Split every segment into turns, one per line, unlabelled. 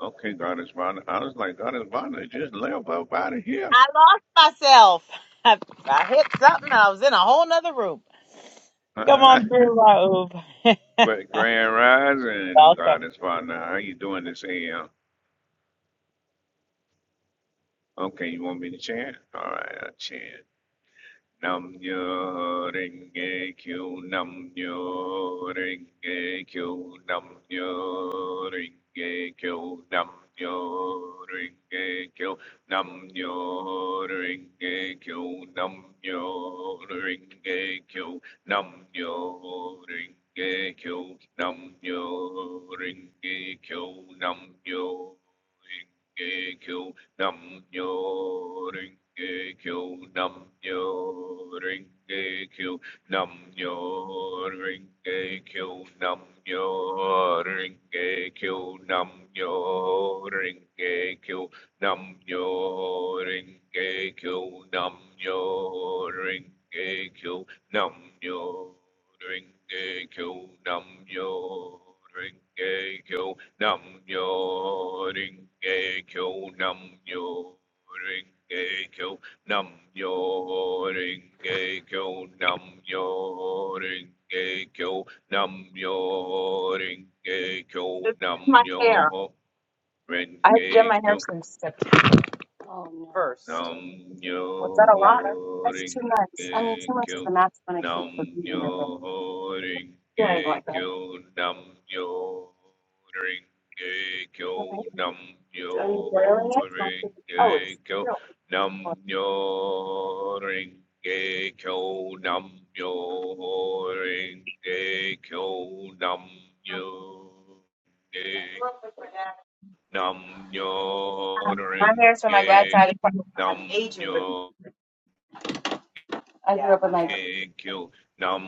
Okay, God is violent. I was like, God is violent. Just live up out of here. but Grand Rising, God is violent. How you doing this AM? Okay, you want me to chant? All right, I chant. Nam nyo ringe kyo nam nyo ringe kyo nam nyo ringe kyo nam nyo ringe kyo nam nyo ringe kyo nam nyo ringe kyo nam nyo ringe kyo nam nyo ringe kyo nam nyo Nam nyo ring a kyo, nam nyo ring a kyo, nam nyo ring a kyo, nam nyo ring a kyo, nam nyo ring a kyo, nam nyo ring a kyo, nam nyo ring a kyo, Nam yo ringe kyo, nam yo ringe kyo, nam yo ringe kyo, nam yo ringe kyo, nam yo ringe kyo, nam yo ringe kyo, nam yo ringe kyo, nam yo ringe kyo,
first.
Nam
Was that a lot?
yo
That's
ring
two months. I mean,
a
two months is
kyo.
the max when I keep
Nam
for beating in room.
yo ring
Right.
a
Like, that.
kyo. Nam yo ring a
Okay.
kyo. Nam
So Are you boiling
yo
it?
ring
oh,
a
it's
kyo.
still.
Nam yo ring a kyo. Nam yo ring a kyo. Nam
I
yo
grew up with my dad.
Nam nyo
Um, My hair's from my dad's
renge
side. of the-
Nam nyo
I Yeah, grew up with my
renge kyo. Nam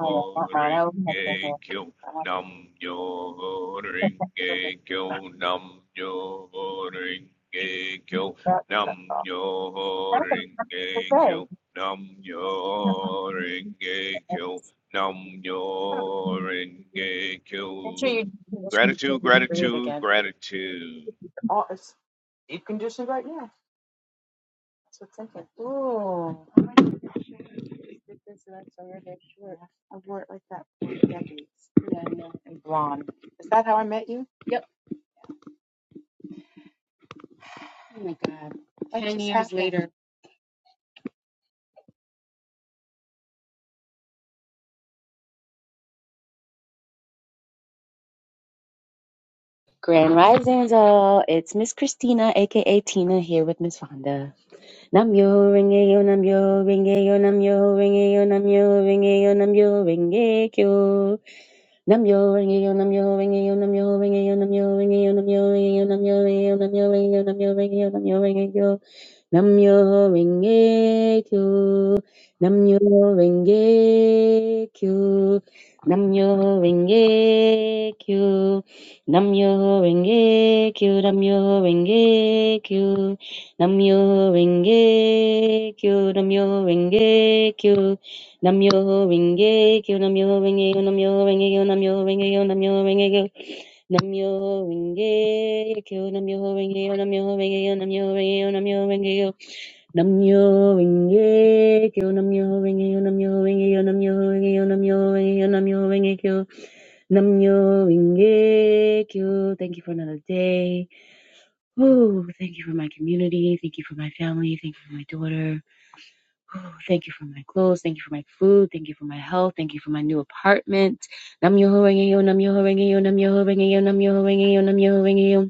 oh yeah, not mine. I always have been
renge
here.
kyo.
I want
Nam nyo
to protect the big
renge kyo. Nam nyo renge kyo.
stuff.
Nam
That's all. I
nyo
don't know what to
renge
say.
kyo. Nam nyo renge kyo. Nam
i
nyo renge kyo.
sure you condition before
Gratitude,
you read it
gratitude,
again.
gratitude.
This is actually really short. Yeah, I know. Yep. Ten years later. Grand Risings all. It's Miss Christina, aka Tina, here with Miss Fonda. Namyo ringe yo, namyo ringe yo, namyo ringe yo, namyo ringe yo, namyo ringe kyo. Namyo ringe yo, namyo ringe yo, namyo ringe yo, namyo ringe yo, namyo ringe yo, namyo ringe yo, namyo ringe yo, namyo ringe yo, namyo ringe yo, namyo ringe yo. Namyo Renge Kyo. Namyo Renge Kyo. Namyo Renge Kyo. Namyo Renge Kyo. Namyo Renge Kyo. Namyo Renge Kyo. Namyo Renge Kyo. Namyo Renge Kyo. Namyo Renge Kyo. Namyo Renge Kyo. Namyo Renge Kyo. Namyo Renge Kyo. Namyo Renge Kyo, Namyo Renge Yo, Namyo Renge Yo, Namyo Renge Yo, Namyo Renge Yo. Namyo Renge Kyo, Namyo Renge Yo, Namyo Renge Yo, Namyo Renge Yo, Namyo Renge Yo, Namyo Renge Kyo. Namyo Renge Kyo. Thank you for another day. Ooh, thank you for my community. Thank you for my family. Thank you for my daughter. Oh, thank you for my clothes. Thank you for my food. Thank you for my health. Thank you for my new apartment. Nam yo renge yo, nam yo renge yo, nam yo renge yo, nam yo renge yo, nam yo renge yo.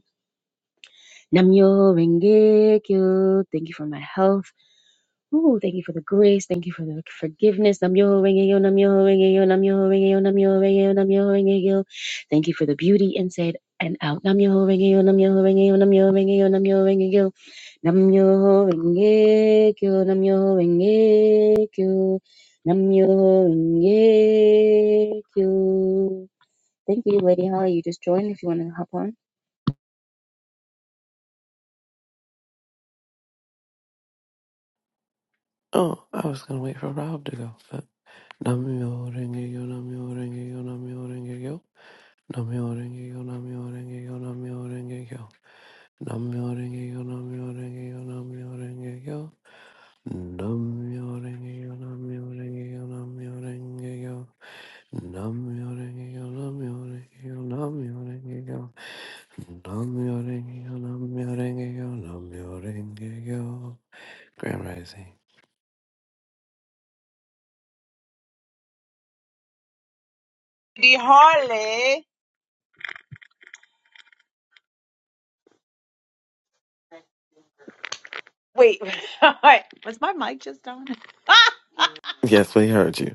Nam yo renge kyo. Thank you for my health. Ooh, thank you for the grace. Thank you for the forgiveness. Nam yo renge yo, nam yo renge yo, nam yo renge yo, nam yo renge yo, nam yo renge yo. Thank you for the beauty inside and out. Nam yo renge yo, nam yo renge yo, nam yo renge yo, nam yo renge yo. Namyo Renge Kyo, Namyo Renge Kyo, Namyo Renge Kyo. Thank you, Lady Holly. You just joined if you want to hop on.
Oh, I was gonna wait for Rob to go. But Namyo Renge Yo, Namyo Renge Yo, Namyo Renge Yo, Namyo Renge Yo, Namyo Renge Yo, Namyo Renge Yo, Namyo Renge Yo, Namyo Renge Yo, Namyo Renge Yo, Namyo Renge Yo, Namyo Renge Yo, Namyo Renge Yo, Namyo Renge Yo, Namyo Renge Yo, Namyo Renge Yo, Namyo Renge Yo, Namyo Renge Yo, Namyo Renge Yo. Grand Rising. Yes, we heard you.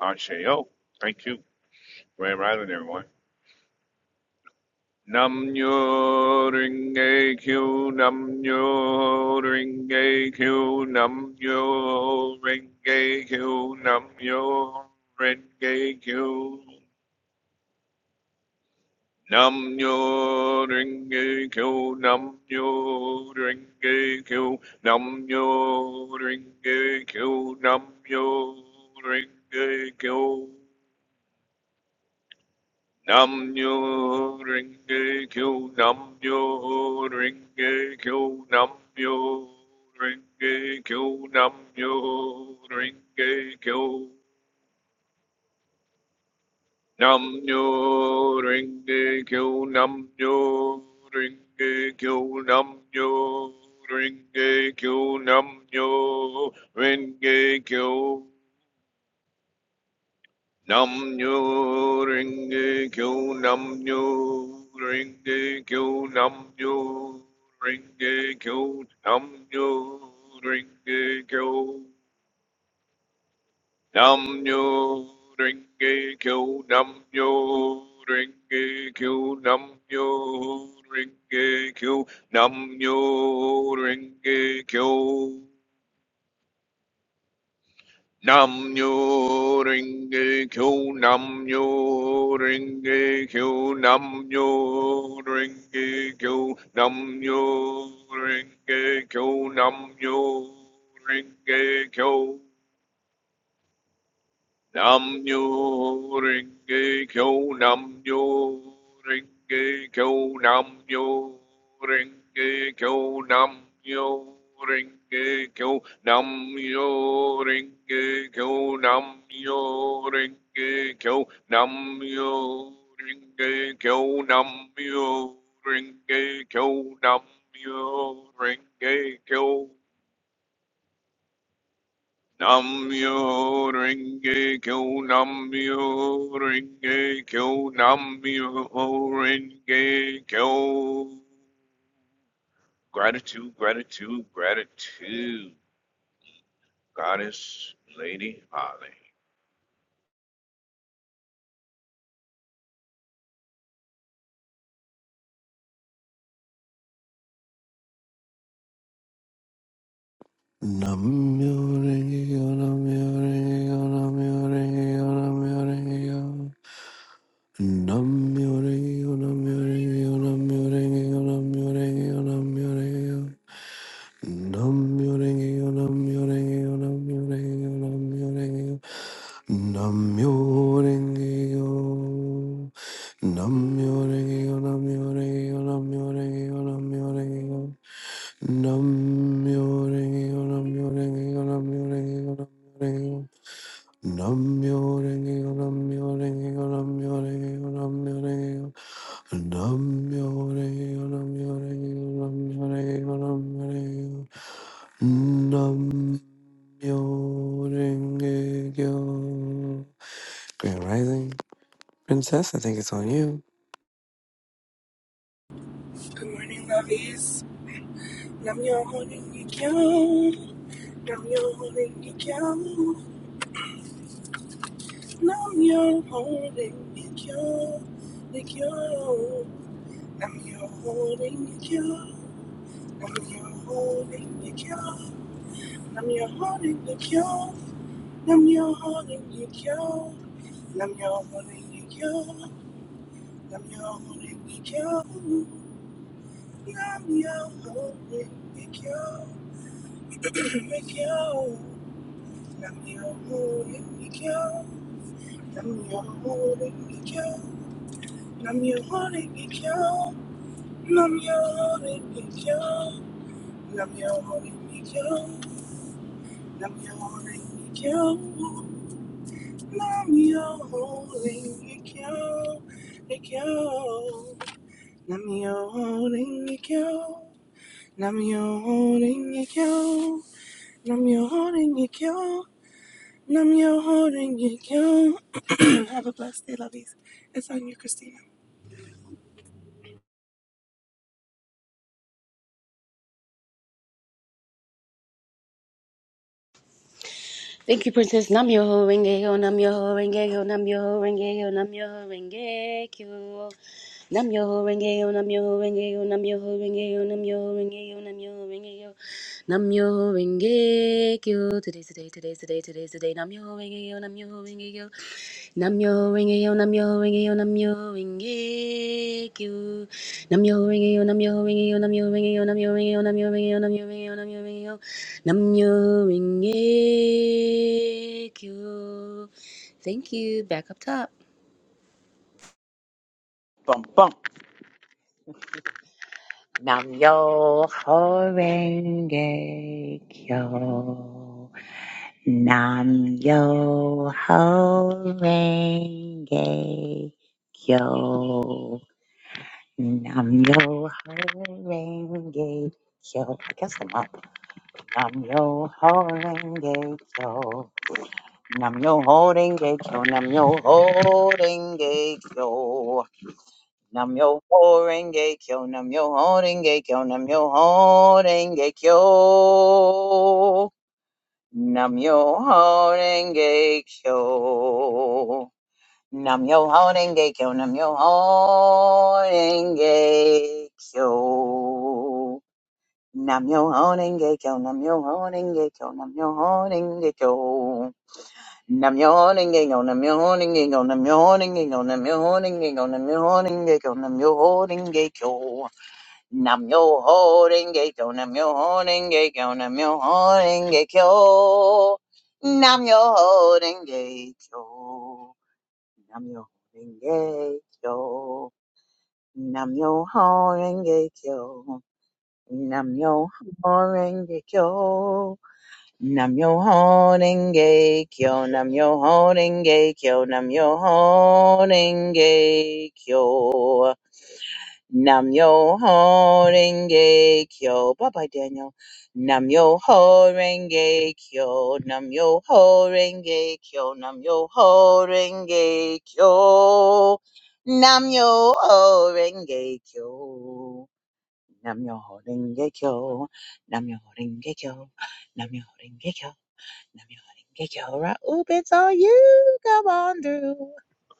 Asheo. Thank you. Grand Rising, everyone. Nam nyo ring a q nam nyo ring a q nam nyo ring a q nam nyo ring a q nam nyo ring a q nam nyo ring a q nam nyo ring a q nam nyo ring a q Nam nyo ringe kyo nam nyo ringe kyo nam nyo ringe kyo nam nyo ringe kyo nam nyo ringe kyo nam nyo ringe kyo nam nyo ringe kyo nam nyo ringe kyo Nam nyo ringe kyo nam nyo ringe kyo nam nyo ringe kyo nam nyo ringe kyo nam nyo ringe kyo nam nyo ringe kyo nam nyo ringe kyo nam nyo ringe kyo Namnyo Renge Kyo Namnyo Renge Kyo Namnyo Renge Kyo Namnyo Renge Kyo Namnyo Renge Kyo Nam Namnyo Renge Kyo Namnyo Renge Kyo Namnyo Renge Kyo Namnyo Renge Kyo Namnyo Renge Kyo Namnyo Renge Kyo Namnyo Renge Kyo Namnyo Renge Kyo Namnyo Renge Kyo Namyo Renge Kyo Namyo Renge Kyo Namyo Renge Kyo Gratitude, gratitude, gratitude, Goddess Lady Holly.
Nam Nam myo renge kyo, Nam myo renge kyo, Nam myo renge kyo, Nam myo renge kyo. Nam myo renge kyo, nam myo renge kyo, nam myo renge kyo, nam myo renge kyo. Nam myo renge kyo, nam myo renge kyo, nam myo renge kyo, nam myo renge kyo. Nam myo renge kyo. Grand Rising Princess, I think it's on you.
Good morning, lovies. Nam yo holding you down. Nam yo holding you down. Nam yo holding you down. Like yo. Nam yo holding you down. Nam yo holding you down. Nam yo holding you down. Nam yo holding you down. Nam yo holding you down. Nam yo holding you down. Nam yo holding you down. Like yo. Nam your holding me cow. Nam your holding me cow. Nam your holding me cow. Nam your holding me cow. Nam your holding me cow. Nam your holding me cow. Nam your holding me cow. Me cow. Nam your holding me cow. Nam your holding me cow. Nam your holding me cow. Nam yo holding you. Have a blessed day, lovies. It's on you, Christina.
Thank you, Princess. Nam Yoho Rengeko, Nam Yoho Rengeko, Nam Yoho Rengeko, Nam Yoho Rengeko. Nam Yoho Rengeko, Nam Yoho Rengeko, Nam Yoho Rengeko, Nam Yoho Rengeko, Nam Yoho Rengeko. Nam Yoho Rengeko. Today's the day, today's the day, today's the day. Nam Yoho Rengeko, Nam Yoho Rengeko. Namyo Rengeyo Namyo Rengeyo Namyo Rengekyo Namyo Rengeyo Namyo Rengeyo Namyo Rengeyo Namyo Rengeyo Namyo Rengeyo Namyo Rengeyo Namyo Rengeyo Namyo Rengekyo Thank you. Back up top.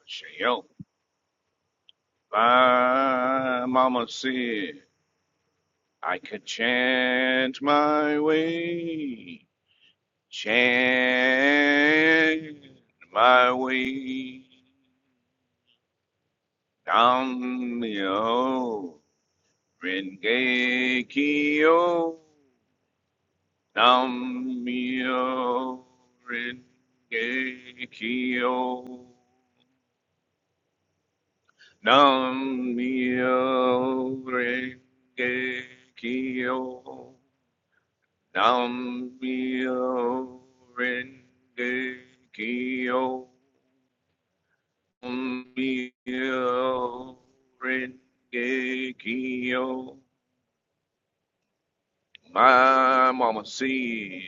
Shayo. My mama said I could chant my way, chant my way down the Rengekio Namio Rengekio Namio Rengekio Namio Rengekio Namio Rengekio My mama said,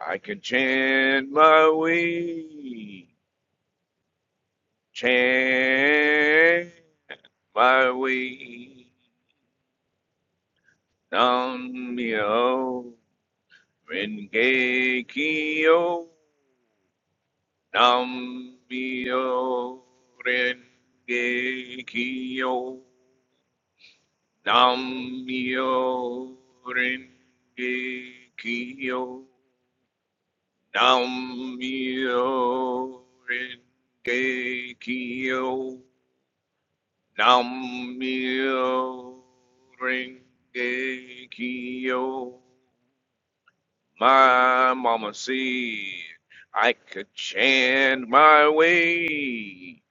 I can chant my way, chant my way. Nam myo renge kyo, nam myo renge kyo, nam myo renge kyo. Nam-myoho Renge Kyo. Nam-myoho Renge Kyo. My mama said I could chant my way,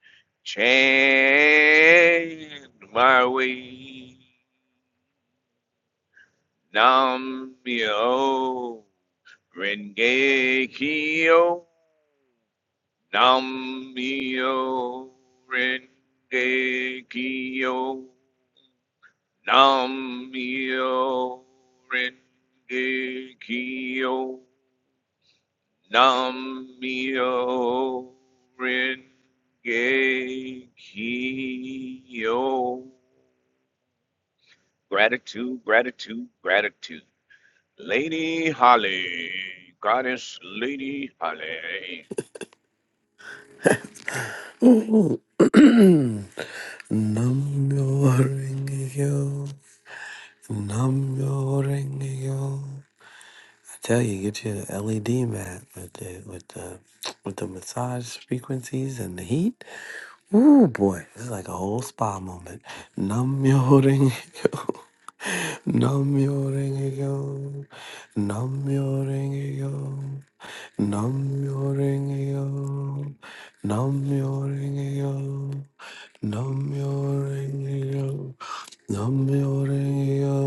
chant my way. Nam-myoho Renge Kyo. Nam-myo Renge Kyo. Nam-myo Renge Kyo. Nam-myo Renge Kyo. Gratitude, gratitude, gratitude. Lady Holly, Goddess Lady Holly.
Nam yo ringe Num yo ring I tell you, get your LED mat with the with the with the massage frequencies and the heat. Ooh boy, it's like a whole spa moment. Num yo ring Namyo Renge Kyo. Namyo Renge Kyo. Namyo Renge Kyo. Namyo Renge Kyo. Namyo Renge Kyo. Namyo Renge Kyo.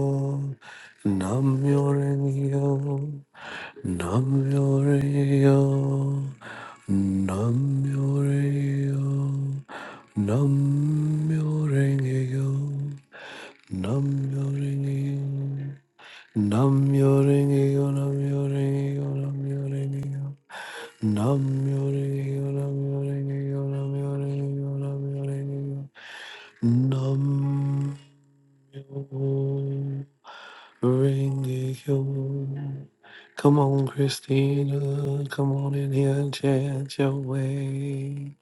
Namyo Renge Kyo. Namyo Renge Kyo. Namyo Renge Kyo. Namyo Renge Kyo. Nam yo ringy, nam yo ringy, nam yo ringy, nam yo ringy, nam yo ringy, nam yo ringy, nam yo ringy, nam yo ringy, nam yo ringy. Come on, Christina, come on in here and chant your way.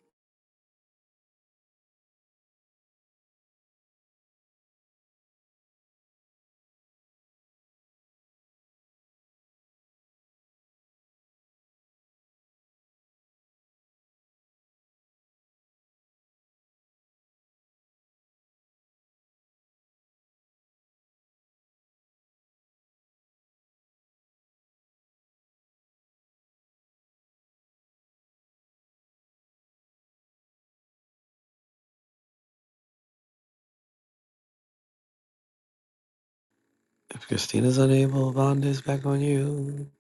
If Christina's unable, Vonda's back on you.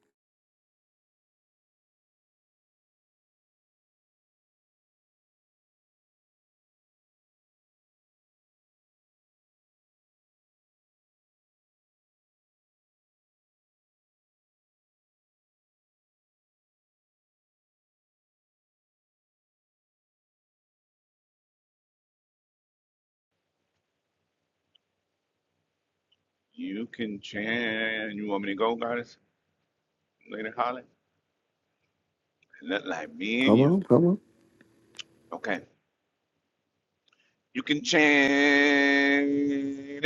You can chant. You want me to go, Goddess Lady Holly? Look like me and
Come
you.
on, come on.
Okay. You can chant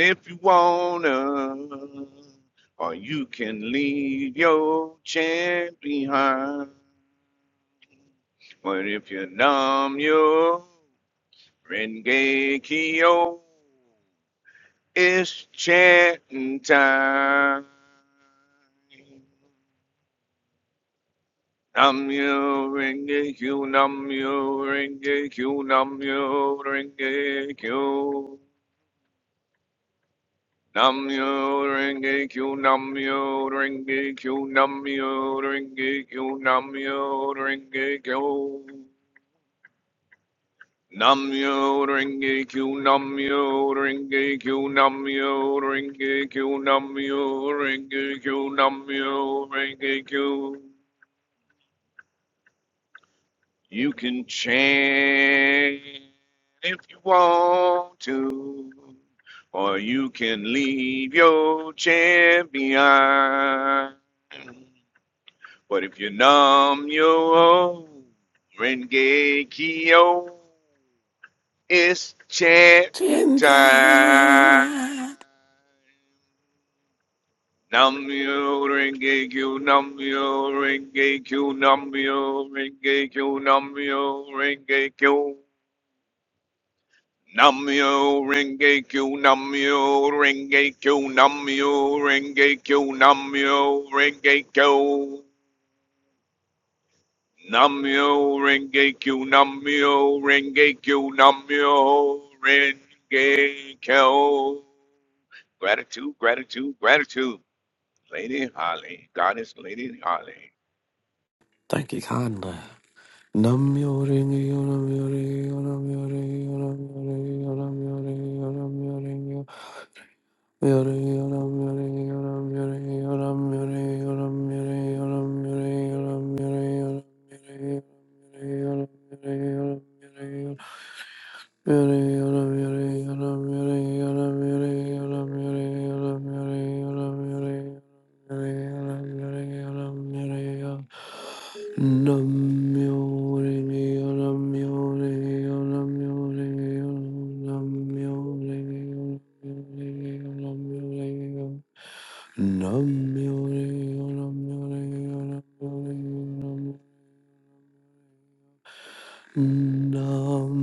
if you wanna, or you can leave your chant behind. But if you numb your Rengekio, it's chanting time. Namyo Renge Kyo, Namyo Renge Kyo, Namyo Renge Kyo. Namyo Renge Kyo, Namyo Renge Kyo, Namyo Renge Kyo, Namyo Renge Kyo. Namyo Renge Kyo, Namyo Renge Kyo, Namyo Renge Kyo, Namyo Renge Kyo, Namyo Renge Kyo. You can chant if you want to, or you can leave your chant behind. But if you numb your own Renge Kyo, it's chanting
Chant.
time. Namyo Renge Kyo Namyo Renge Kyo Namyo Renge Kyo Namyo Renge Kyo Namyo Renge Kyo Namyo Renge Kyo Namyo Renge Kyo Namyo Renge Kyo Namyo Renge Kyo Namyo Renge Kyo Namyo Renge Kyo Gratitude, gratitude, gratitude. Lady Holly, Goddess Lady Holly.
Thank you, kindly. Nam Nam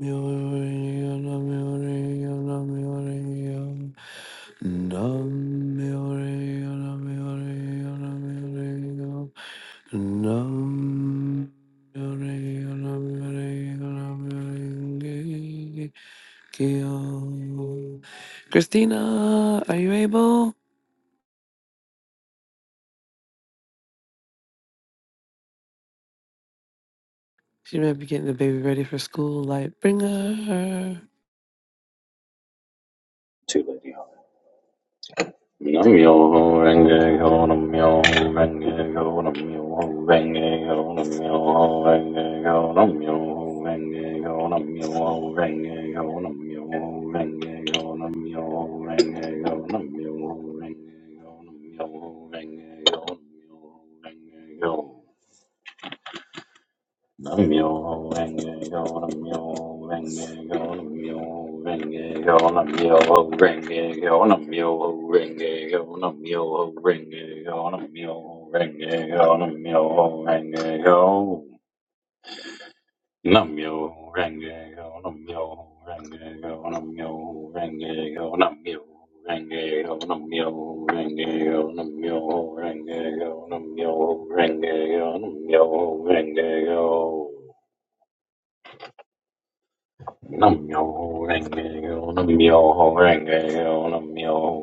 myoho nam myoho nam myoho nam myoho nam myoho nam myoho nam myoho nam myoho nam myoho kyo. Christina, are you able? She might be getting the baby ready for school. Like, bring her.
to Lady Holly. Nam yo ho renge ho nam yo ho renge ho nam yo ho renge ho nam yo ho renge ho nam yo ho renge ho nam yo ho renge ho nam yo ho renge ho nam yo ho renge ho nam yo ho renge ho nam yo ho renge ho nam yo ho renge ho Nam yo. Nam yo renge yo, nam yo yo, nam yo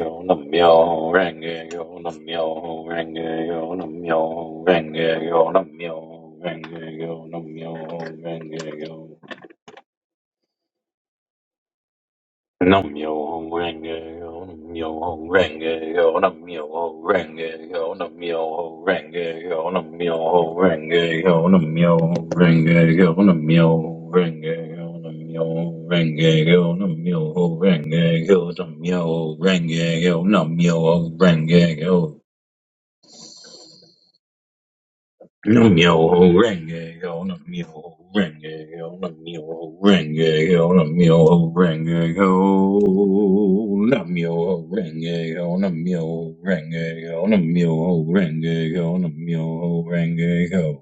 yo, nam yo yo, nam yo yo, nam yo yo, nam yo yo, nam yo yo. Nam yo ho renge yo, nam yo ho renge yo, nam yo ho renge yo, nam yo ho renge yo, nam yo ho renge yo, nam yo ho renge yo, nam yo ho renge yo, nam yo ho renge yo, nam yo ho renge yo, nam yo ho renge yo, nam yo ho renge yo, Nam yo ho renge yo, nam yo ho renge yo, nam yo ho renge yo, nam yo ho renge yo, nam yo ho renge yo, nam yo ho renge yo, nam yo ho renge yo, nam yo ho renge yo,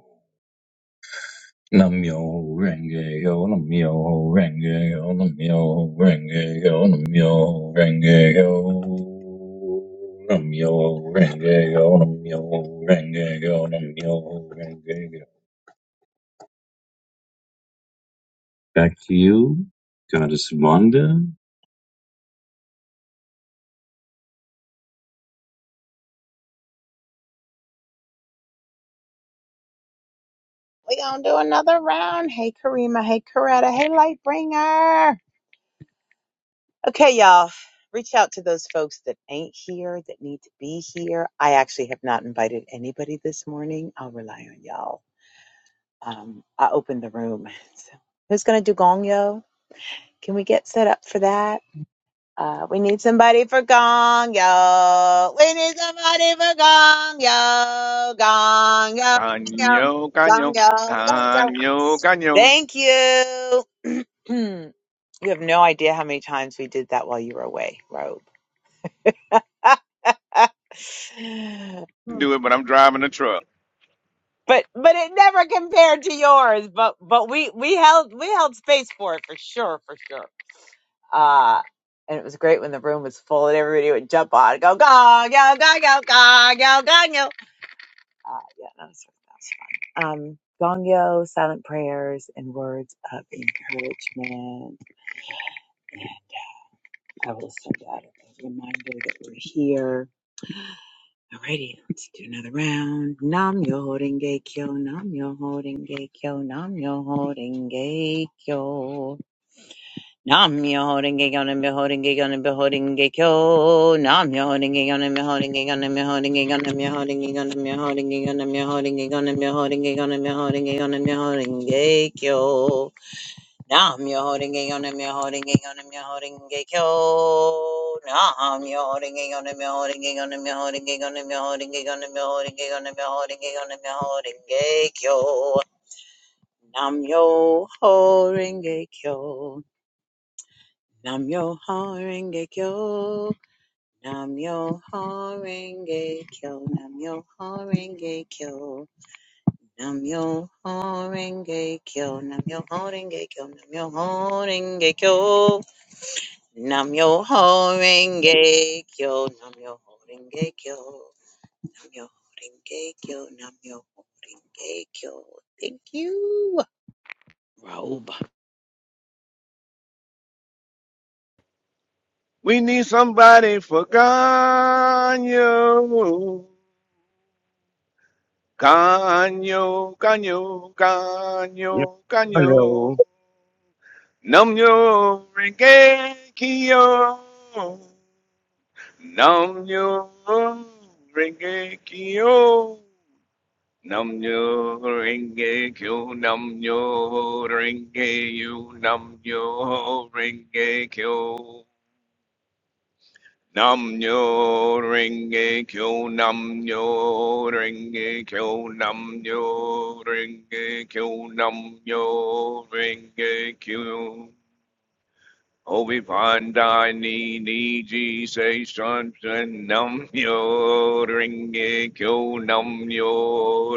nam yo ho renge yo, nam yo ho renge yo, nam yo ho renge yo, nam yo ho renge yo. Nam yo renge yo, nam yo renge yo, nam yo Back to you, Goddess Vonda.
Ganyo, ganyo, ganyo, ganyo.
Hmm,
Do it, but I'm driving a truck. We need somebody for ganyo. Ganyo, ganyo, ganyo, ganyo.
Hello.
Namyo renge kyo. Namyo renge kyo. Nam nyo renge kyo, nam nyo renge you, nam nyo renge kyo. Nam nyo renge kyo, nam nyo renge kyo, nam nyo renge kyo, nam nyo renge kyo. Obivanda niji se shan shan nam yo ringe e kyo nam yo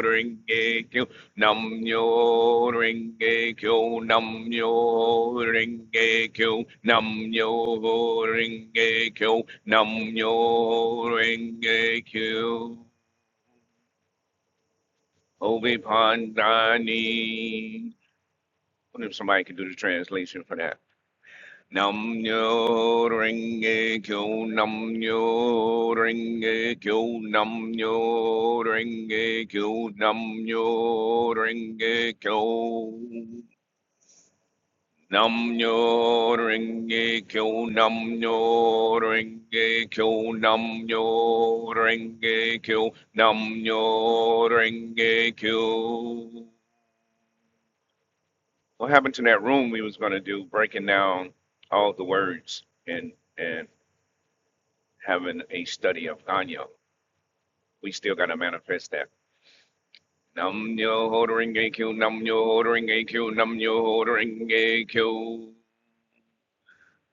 ringe e kyo nam yo ringe e kyo nam yo ringe e kyo nam yo ringe e kyo nam yo ring e kyo Obivanda ni. Wonder if somebody could do the translation for that. Nam nyo renge kyo nam nyo renge kyo nam nyo renge kyo nam nyo renge kyo nam nyo renge kyo nam nyo renge kyo nam nyo renge kyo nam nyo renge kyo what happened to that room we was going to do breaking down all the words and and having a study of Ganyo. We still got to manifest that. Nam yo holding AQ, nam yo holding AQ, nam yo holding AQ.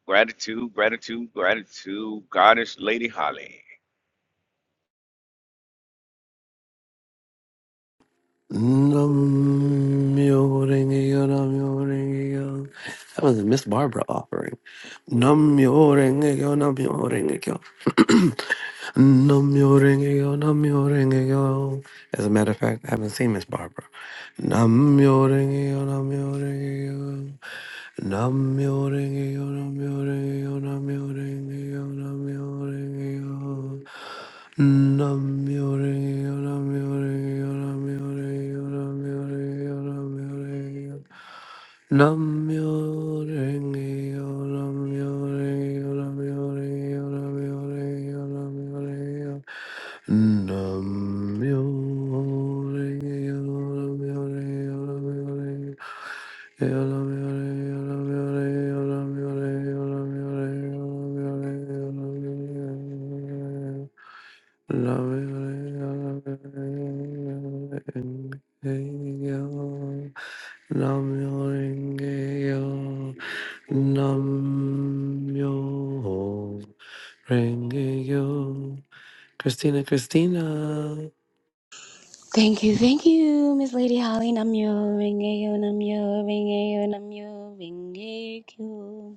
Gratitude, gratitude, gratitude. Goddess Lady Holly.
Nam-myoho-renge-kyo. That was a Miss Barbara offering. Nam-myoho-renge-kyo, Nam-myoho-renge-kyo. Namyo Renge-kyo, Namyo Renge-kyo. As a matter of fact, I haven't seen Miss Barbara. Namyo Renge-kyo, Namyo Renge-kyo. Namyo Renge-kyo, Namyo Renge-kyo, Namyo Renge-kyo, Namyo Renge-kyo. Namyo Renge-kyo, Namyo Renge-kyo, Namyo Renge-kyo, Namyo Renge-kyo, Namyo Renge-kyo. Nam Nam yo Christina, Christina.
Thank you, thank you, Miss Lady Holly. Namyo Rengeyo Namyo Rengeyo Namyo Rengekyo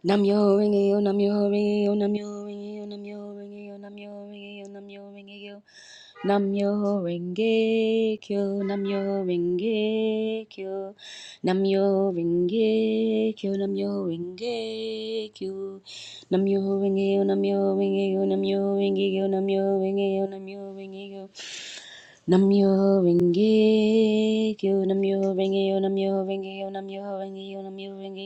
Namyo Rengeyo Namyo Rengeyo Namyo Rengeyo Namyo Rengeyo Namyo Rengeyo Namyo Rengeyo Namyo Renge Kyo, Namyo Renge Kyo, Namyo Renge Kyo, Namyo Renge Kyo, Namyo Renge Kyo, Namyo Renge Kyo, Namyo Renge Kyo, Namyo Renge Kyo, Namyo Renge Kyo, Namyo Renge Kyo, Namyo Renge Kyo, Namyo Renge Kyo, Namyo Renge Kyo, Namyo Renge Kyo, Namyo Renge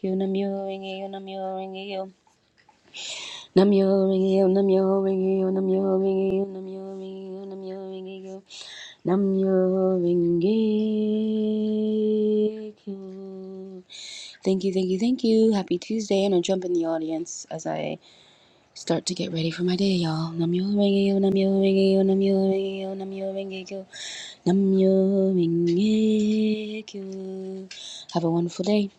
Kyo, Namyo Renge Kyo, Namyo Renge Kyo. Nam yo ring yo, nam yo ring yo, nam yo ring yo, nam yo ring yo, nam yo Thank you, thank you, thank you. Happy Tuesday, and I jump in the audience as I start to get ready for my day, y'all. Nam yo ring yo, nam yo ring yo, nam yo ring yo, nam yo ring Have a wonderful day,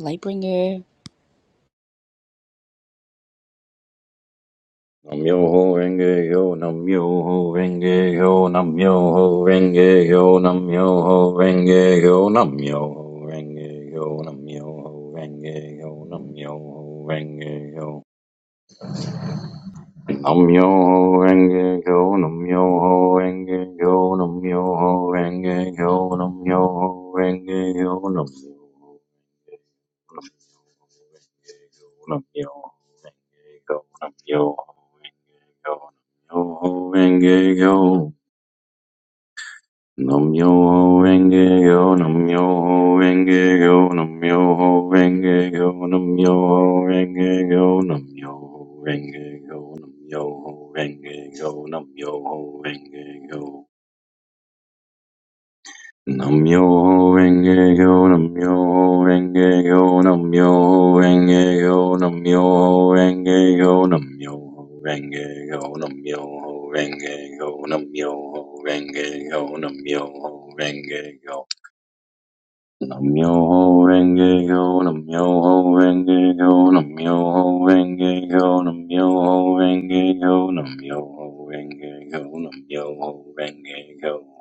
Lightbringer.
Nam yo ho renge yo, nam yo ho renge yo, nam yo ho renge yo, nam yo ho renge yo, nam yo ho renge yo, nam yo ho renge yo, nam yo ho renge yo, nam yo ho renge yo, nam yo ho renge yo, nam yo ho renge yo, nam yo ho renge yo, nam yo. Nam Namyo Renge go, nam yo Renge Kyo. yo, Renge Kyo. Namyo Renge Kyo. Namyo Renge Kyo. Namyo Renge go, nam yo Renge Kyo. yo, Renge Kyo. Namyo Renge Kyo. Namyo renge kyo, namyo renge kyo, namyo renge kyo, namyo renge kyo, namyo renge kyo, namyo renge kyo, namyo renge kyo, namyo renge kyo. Namyo renge kyo, namyo renge kyo, namyo renge kyo, namyo renge kyo, namyo renge kyo, namyo renge kyo.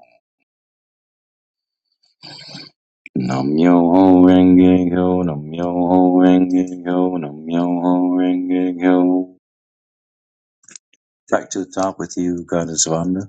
nam yo ho Renge Kyo, Nam-myoho Renge Kyo, Nam-myoho Renge Kyo. Back to the top with you, Goddess Vanda.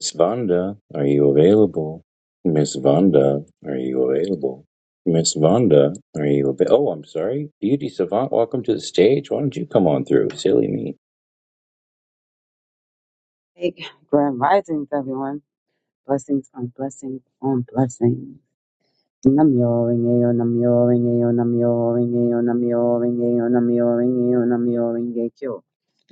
Miss Vanda, are you available? Miss Vanda, are you available? Miss Vanda, are you available? Oh, I'm sorry. Beauty Savant, welcome to the stage. Why don't you come on through? Silly me.
Big grand risings, everyone. Blessings on blessings on blessings. Namyo ringeyo, namyo ringeyo, namyo ringeyo, namyo ringeyo, namyo ringeyo, namyo ringe kyo.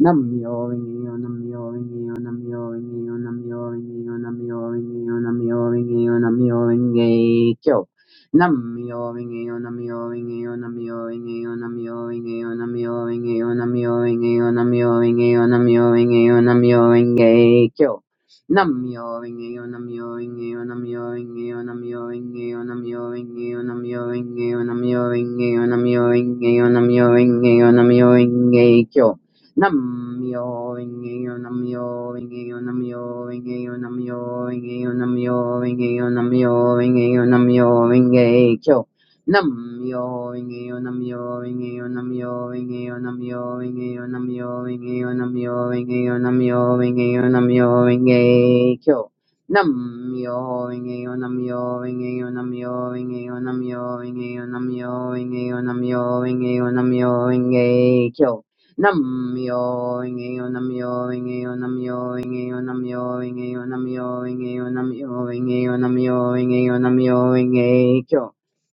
Namyo ringeyo, namyo ringeyo, namyo ringeyo, namyo ringeyo, namyo ringeyo, namyo ringeyo, namyo ringe kyo. Namyo ringeyo, namyo ringeyo, namyo ringeyo, namyo ringeyo, namyo ringeyo, namyo ringeyo, namyo ringeyo, namyo ringeyo, namyo ringe kyo. Nam-myoho-renge-kyo, Nam-myoho-renge-kyo, Nam-myoho-renge-kyo, Nam-myoho-renge-kyo, Nam-myoho-renge-kyo, Nam-myoho-renge-kyo, Nam-myoho-renge-kyo, Nam-myoho-renge-kyo, Nam-myoho-renge-kyo, Nam-myoho-renge-kyo. Nam-myoho-renge-kyo, nam renge kyo nam renge kyo nam renge kyo nam renge kyo nam renge kyo nam renge kyo Namyo Rinkeyo, Namyo Rinkeyo, Namyo Rinkeyo, Namyo Rinkeyo, Namyo Rinkeyo, Namyo Rinkeyo, Namyo Rinkeyo, Namyo Rinkeyo. Namyo Rinkeyo, Namyo Rinkeyo, Namyo Rinkeyo, Namyo Rinkeyo, Namyo Rinkeyo, Namyo Rinkeyo, Namyo Rinkeyo. Namyo Rinkeyo, Namyo Rinkeyo, Namyo Rinkeyo, Namyo Rinkeyo, Namyo Rinkeyo, Namyo Rinkeyo, Namyo Rinkeyo, Namyo Rinkeyo.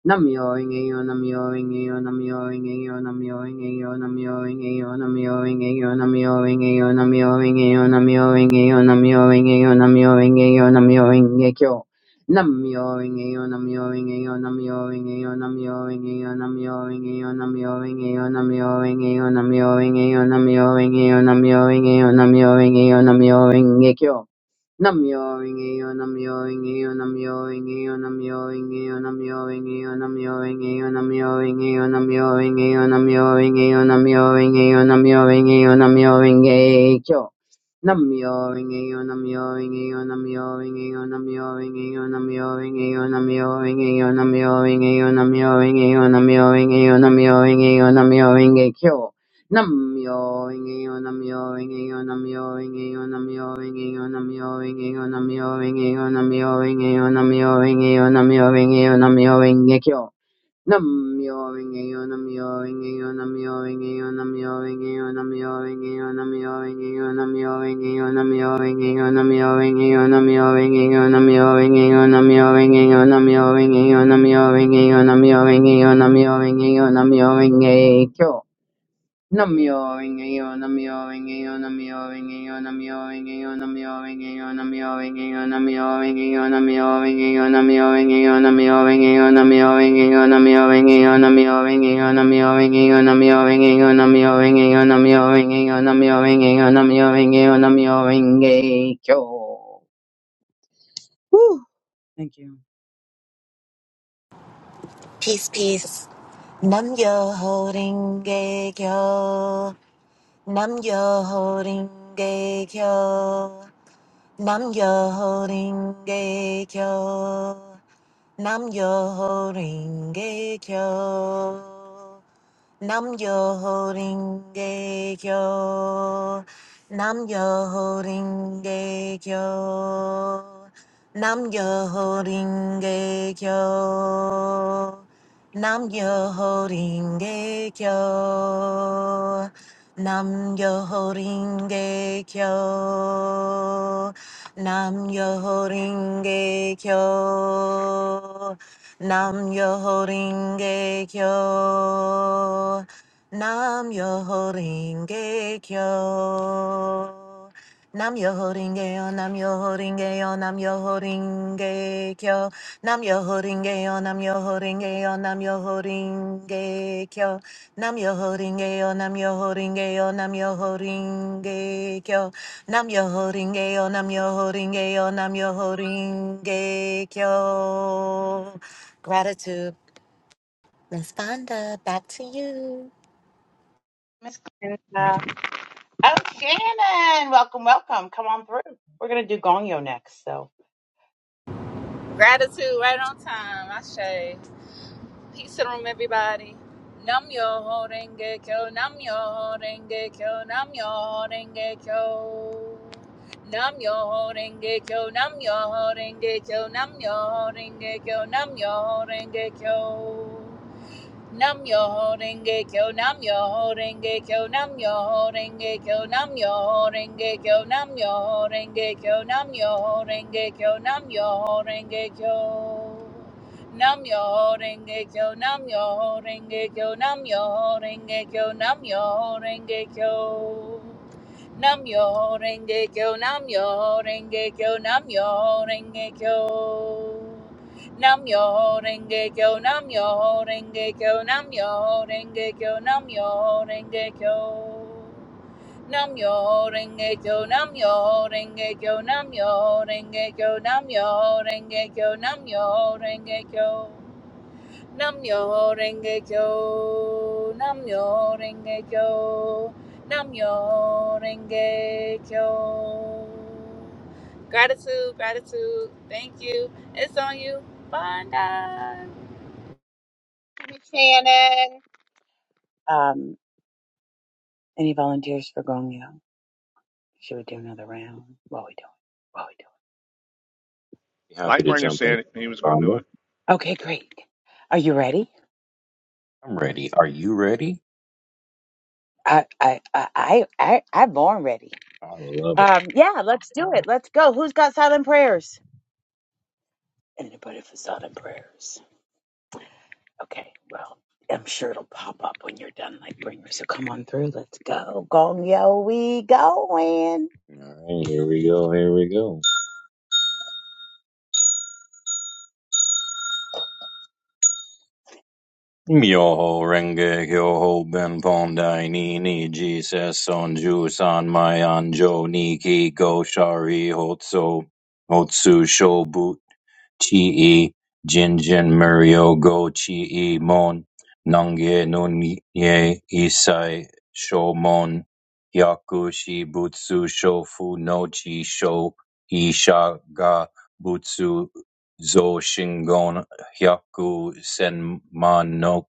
Namioringeyo, namioringeyo, namioringeyo, namioringeyo, namioringeyo, namioringeyo, namioringeyo, namioringeyo, namioringeyo, namioringeyo, namioringeyo, namioringekyo. Namioringeyo, namioringeyo, namioringeyo, namioringeyo, namioringeyo, namioringeyo, namioringeyo, namioringeyo, namioringeyo, namioringeyo, namioringeyo, namioringekyo. Nam yoring eo, nam yoring eo, nam yoring eo, nam yoring eo, nam yoring eo, nam yoring eo, nam yoring eo, nam yoring eo, nam yoring eo, nam yoring eo, nam yoring eo, nam yoring eo. Nam yoring eo, nam yoring eo, nam yoring eo, nam yoring eo, nam yoring eo, nam yoring eo, nam yoring eo, nam yoring eo, nam yoring eo, nam Nam yo, ring yo, nam yo, ring yo, nam yo, ring yo, nam yo, ring yo, nam yo, ring yo, nam yo, ring yo, nam yo, ring yo, nam yo, ring yo, nam yo, ring yo, nam yo, ring yo, nam yo, ring yo, nam yo, ring yo, nam yo, ring yo, nam yo, ring yo, nam yo, ring yo, nam yo, ring yo, nam yo, ring yo, nam yo, ring yo, nam yo, ring yo, nam yo, ring yo. Woo! Thank you.
Peace, peace. Nam yo holding gay yo. Nam yo holding gay yo. Nam yo holding gay yo. Nam yo holding gay yo. Nam yo holding gay yo. Nam yo holding gay yo. Nam yo holding gay yo. Nam yo holding Nam yo ringe kyo. Nam yo ringe kyo. Nam yo ringe yo. Nam yo ringe yo. Nam yo ringe kyo. Nam yo ringe yo. Nam yo ringe yo. Nam yo ringe kyo. Nam yo ringe yo. Nam yo ringe yo. Nam yo ringe kyo. Nam yo ringe yo. Nam yo ringe yo. Nam yo ringe kyo. Gratitude. Miss Fonda, back to you.
Miss Glenda. Oh, Shannon. Welcome, welcome. Come on through. We're going to do Gongyo next. So,
Gratitude right on time. I say, peace in the room, everybody. Nam yo ho renge kyo, nam yo ho renge kyo, nam yo ho renge kyo. Nam yo ho renge kyo, nam yo ho renge kyo, nam yo ho renge kyo, nam yo ho renge kyo. Nam yo ho renge kyo, nam yo ho renge kyo, nam yo ho renge kyo, nam yo ho renge kyo, nam yo ho renge kyo, nam yo ho renge kyo, nam yo ho renge kyo. Nam yo ho renge kyo, nam yo ho renge kyo, nam yo ho renge kyo, nam yo ho renge kyo. Nam yo ho renge kyo, nam yo ho renge kyo, nam yo ho renge kyo. Nam Yoho Renge Kyo, Nam Yoho Renge Kyo, Nam Yoho Renge Kyo, Nam Yoho Renge Kyo. Nam yo renge kyo, nam yo renge kyo, nam yo renge kyo, nam yo renge kyo, nam yo renge kyo. Namyo Renge Kyo, Namyo Renge Kyo, Namyo Renge Kyo. Gratitude, gratitude. Thank you. It's on you. Banda.
Hey, Shannon.
Happy to
Lightbringer
jump in.
said he was going to do
Vanda,
it.
I'm ready. Are you ready? I love it. All right, here we go. Here we go. Myoho Renge Kyoho Benpon Dai Ni Ni Jesus Son Ju San Mai Anjo Niki Go Shari Hotso Hotsu Shobu Chee Jinjin Muryo go Chee Mon Nongye Nunye Isai Shomon Hyaku Butsu Shofu no Chi Sho Isha ga Butsu Zo Shingon Hyaku Senman no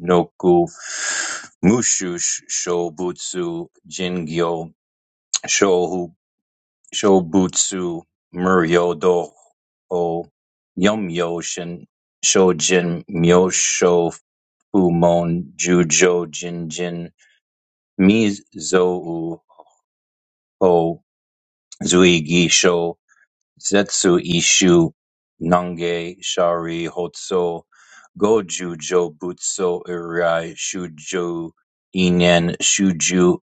Noku Mushu Shobutsu Jingyo Shohu Shobutsu Muryodo Ho Myoshin Shojin Myosho Fumon Jujo Jinjin Mizou Ho Zuigi Sho Zetsu Ishu Nange Shari Hotso gojujo Butsu Irai Shuju Inen Shuju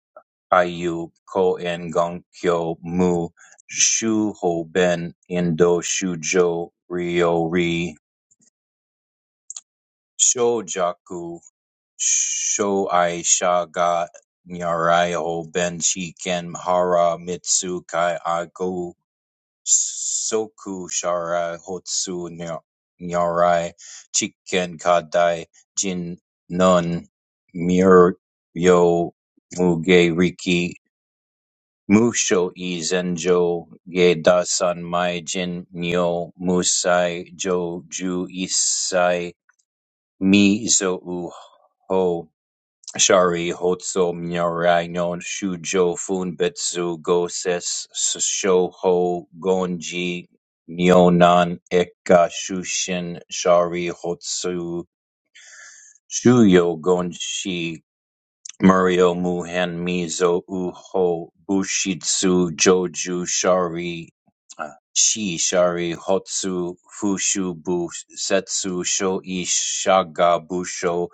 Aiyu Koen Gonkyo Mu ben Indo Shujo ri Shojaku sho ai Shaga Nyarai ho Ben Shiken Hara Mitsu Kai Agu Soku Sharai Hotsu nya- Nyarai Chiken Kadai Jin Nun Muryo Muge Riki Musho e Zenjo ge Dasan mai jin myo musai jo ju isai mi zo u ho shari hotso myorai no shujo fun funbetsu goses shoho gonji myonan eka shushin shari hotsu shuyo gonshi Murio Muhen Mizo Uho Bushitsu Joju Shari uh, Shi Shari Hotsu Fushu Busetsu Shoi Shaga Busho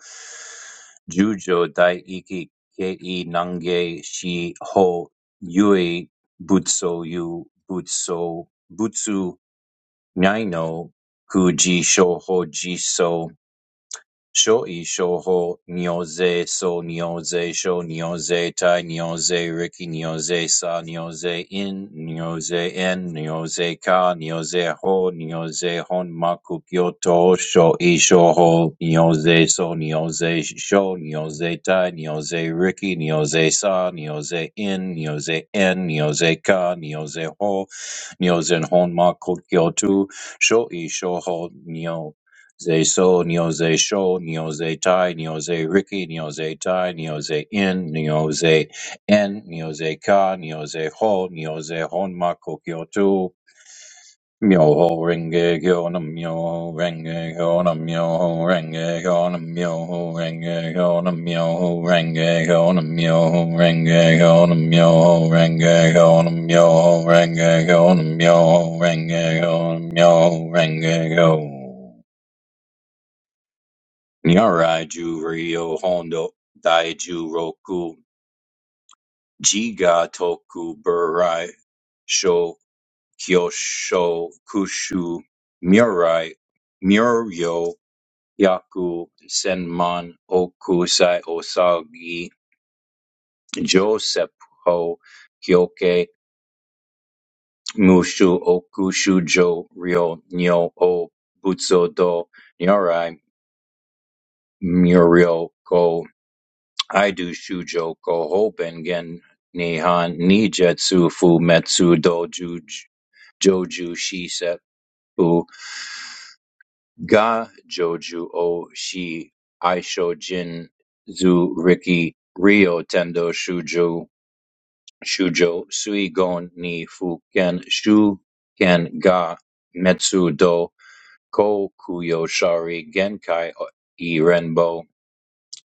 Jujo Daiki Kei Nange Shi Ho Yui Butsu Yu Butsu Butsu Naino Kuji Shoho Jiso Shoei Shouho Nyouzei So Nyouzei Sho Nyouzei Tai Nyouzei Riki Nyouzei Sa Nyouzei In Nyouzei En Nyouzei Ka Nyouzei Ho Nyouzei Hon Maku Kyoto Shoei Shouho Nyouzei So Nyouzei Sho Nyouzei Tai Nyouzei Riki Nyouzei Sa Nyouzei In Nyouzei En Nyouzei Ka Nyouzei Ho Nyozen Hon Maku Kyoto Shoei Shouho Zay So, Neo Zay Sho, Neo Zay Tai, Neo Zay Ricky, Neo Zay Tai, Neo Zay In, Neo Zay En, Neo Zay Ka, Neo Zay Ho, Neo Zay Honma Kokyo Tu, Myo Ho Renge Kyo Nam Myo Ho Renge Kyo Nam Myo Ho Renge Kyo Nam Myo Ho Renge Kyo Nam Myo Ho Renge Kyo Nam Myo Ho Renge Kyo Nam Myo Ho Renge Kyo Myo Ho Renge Kyo Myo Ho Renge Kyo Myo Ho Renge Kyo Nyarai-ju ryo hondo daiju roku jiga toku burai sho kyosho kushu murai muryo yaku senman okusai osagi joseppo kyoke mushu okushu okushujo ryo nyo o butsudo nyarai muryo ko I do Shujō Kohō Bengen Nihon ni Jetsu Fu Metsu Doju j- Joju Shiseppu ga Joju o Shi Aishojin Zu Riki Ryo Tendo Shujo Shujo Suigon ni Fuken Shuken ga Metsu do Kokuyo Shari Genkai Irenbo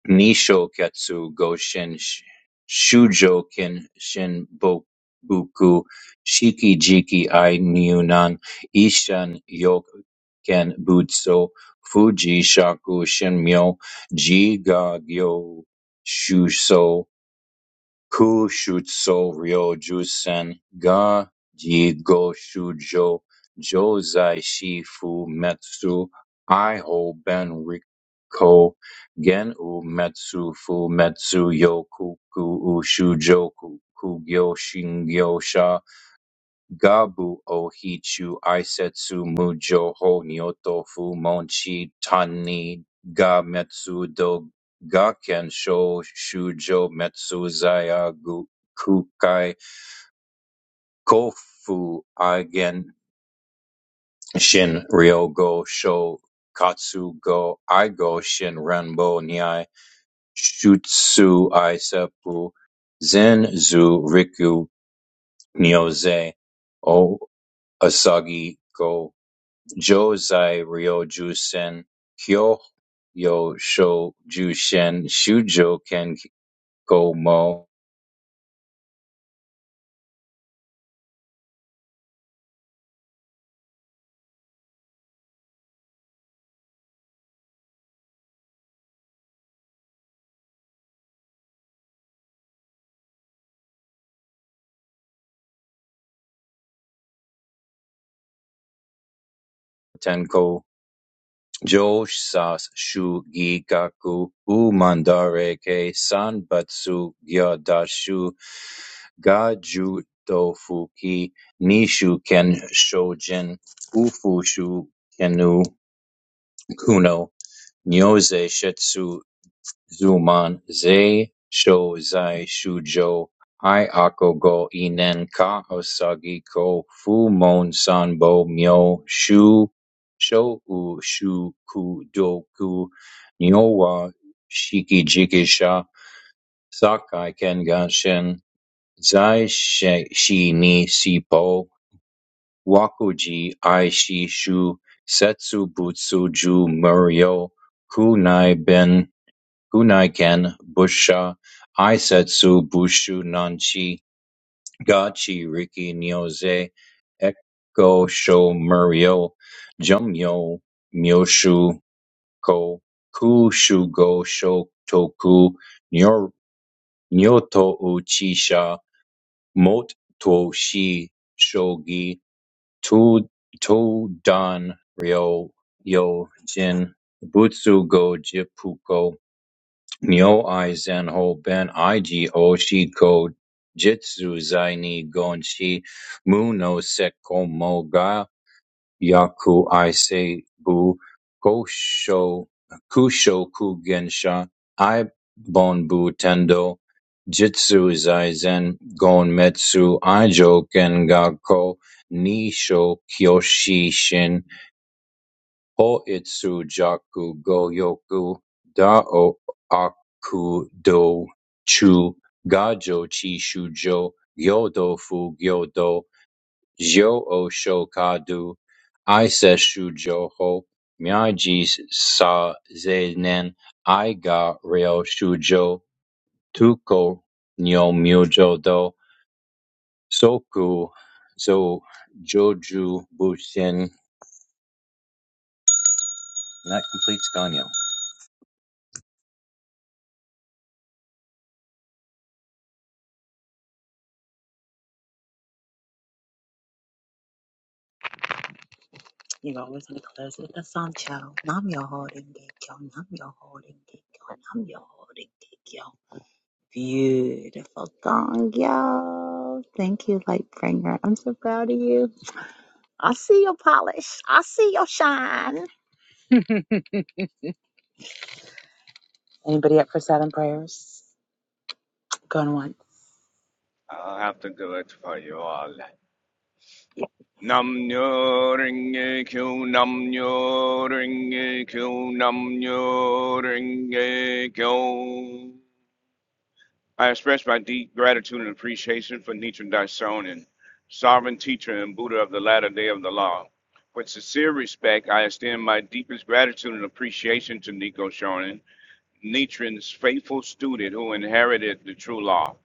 Nisshoakatsu Goshin Sh- Shujoken Shinboku Shiki Jiki I Nyunan Ishan Yoken Butsu Fuji Shaku Shinmyo Jigagyo Shuso Kushutsu Ryoju ga Jigo Shujo Jozai Shifu Metsu Iho Ben Riko Gen U Metsu Fu Metsu Yoku u shujoku Kugyo Shingyo Gabu Ohichu Isetsu Mujo Ho Nyoto Fu Monchi Tani Ga Metsu Do Gaken Sho Shujo Metsu Zaya Gu- Kukai Kofu Aigen Shin Ryogo Sho Katsu Go Aigo Shin Renbo Nyai Shutsu Isepu Zen Zu Riku Nyoze O Asagi go. Jōzai ryōjūsen Kyōhyō Shōjūsen Shujo Kenko Mo Tenko Jōsatsu Gigaku Umandare ke Sanbatsu Gyadashu Gaju Dofuki Nishu Ken Shojin Ufushu Kenu Kuno Nyose Shetsu Zuman "zai shou zai shujo hi ako go inen ka osagi ko fu mon sanbo myo shu shou shu ku doku nyowa shiki jikisha sakai kengan shin zai shi shi ni sipo wakuji ai shi shu setsu butsu ju muryo kunai ben Guneiken Busha Eisetsu Bushu Nanchi Gachi Riki Nyoze Eko Sho Muryo Jumyo Myoshu Ko Kushugo Shotoku Nyor- Nyoto Uchisha Mot Toshi Shogi To To Dan Ryo Yo Jin Butsu Go Jipuko Nyo i zenho ben iji o shiko jitsu zai ni gonshi mu no sekkomo ga yaku i seibu kosho kusho kugensha i bonbu tendo jitsu zai zen gon metsu i joken ga ko nisho kyoshi shin Hoitsu jaku go-yoku dao akudo chu gajo chi shujo gyodo fu gyodo jyo o shokadu iseshujo ho myaji sa zenen aiga ryo shujo tuko nyo myojo do soku zo joju bushin. And that completes
I'll have to do it for you all. Nam nyo ring a q nam nyo ring a q nam nyo ring a q I express my deep gratitude and appreciation for Nichiren Daishonin, sovereign teacher and Buddha of the latter day of the law. With sincere respect, I extend my deepest gratitude and appreciation to Nico Shonin, Nichiren's faithful student who inherited the true law.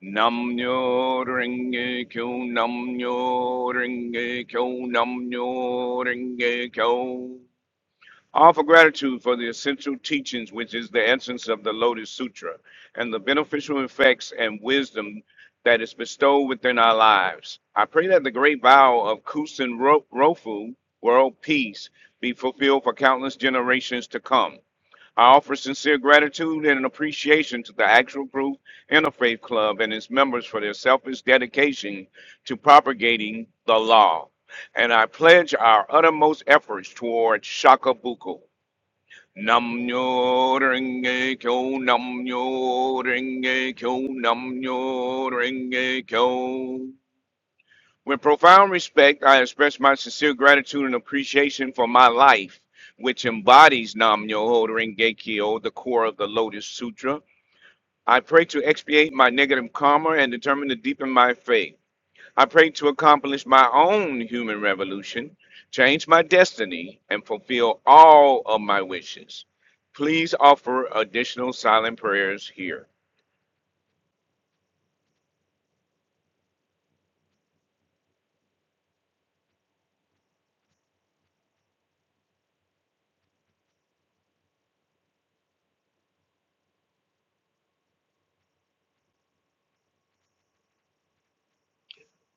Nam nyo renge kyo, nam nyo renge kyo, nam nyo renge kyo. Offer gratitude for the essential teachings, which is the essence of the Lotus Sutra, and the beneficial effects and wisdom that is bestowed within our lives. I pray that the great vow of Kusin Ro- Rofu, world peace, be fulfilled for countless generations to come. I offer sincere gratitude and appreciation to the Actual Proof Interfaith Club and its members for their selfless dedication to propagating the law. And I pledge our uttermost efforts toward Shakabuku. Nam nyo renge kyo, nam nyo renge kyo, nam nyo renge kyo. With profound respect, I express my sincere gratitude and appreciation for my life, which embodies Nam Myoho Renge Kyo, the core of the Lotus Sutra. I pray to expiate my negative karma and determine to deepen my faith. I pray to accomplish my own human revolution, change my destiny, and fulfill all of my wishes. Please offer additional silent prayers here.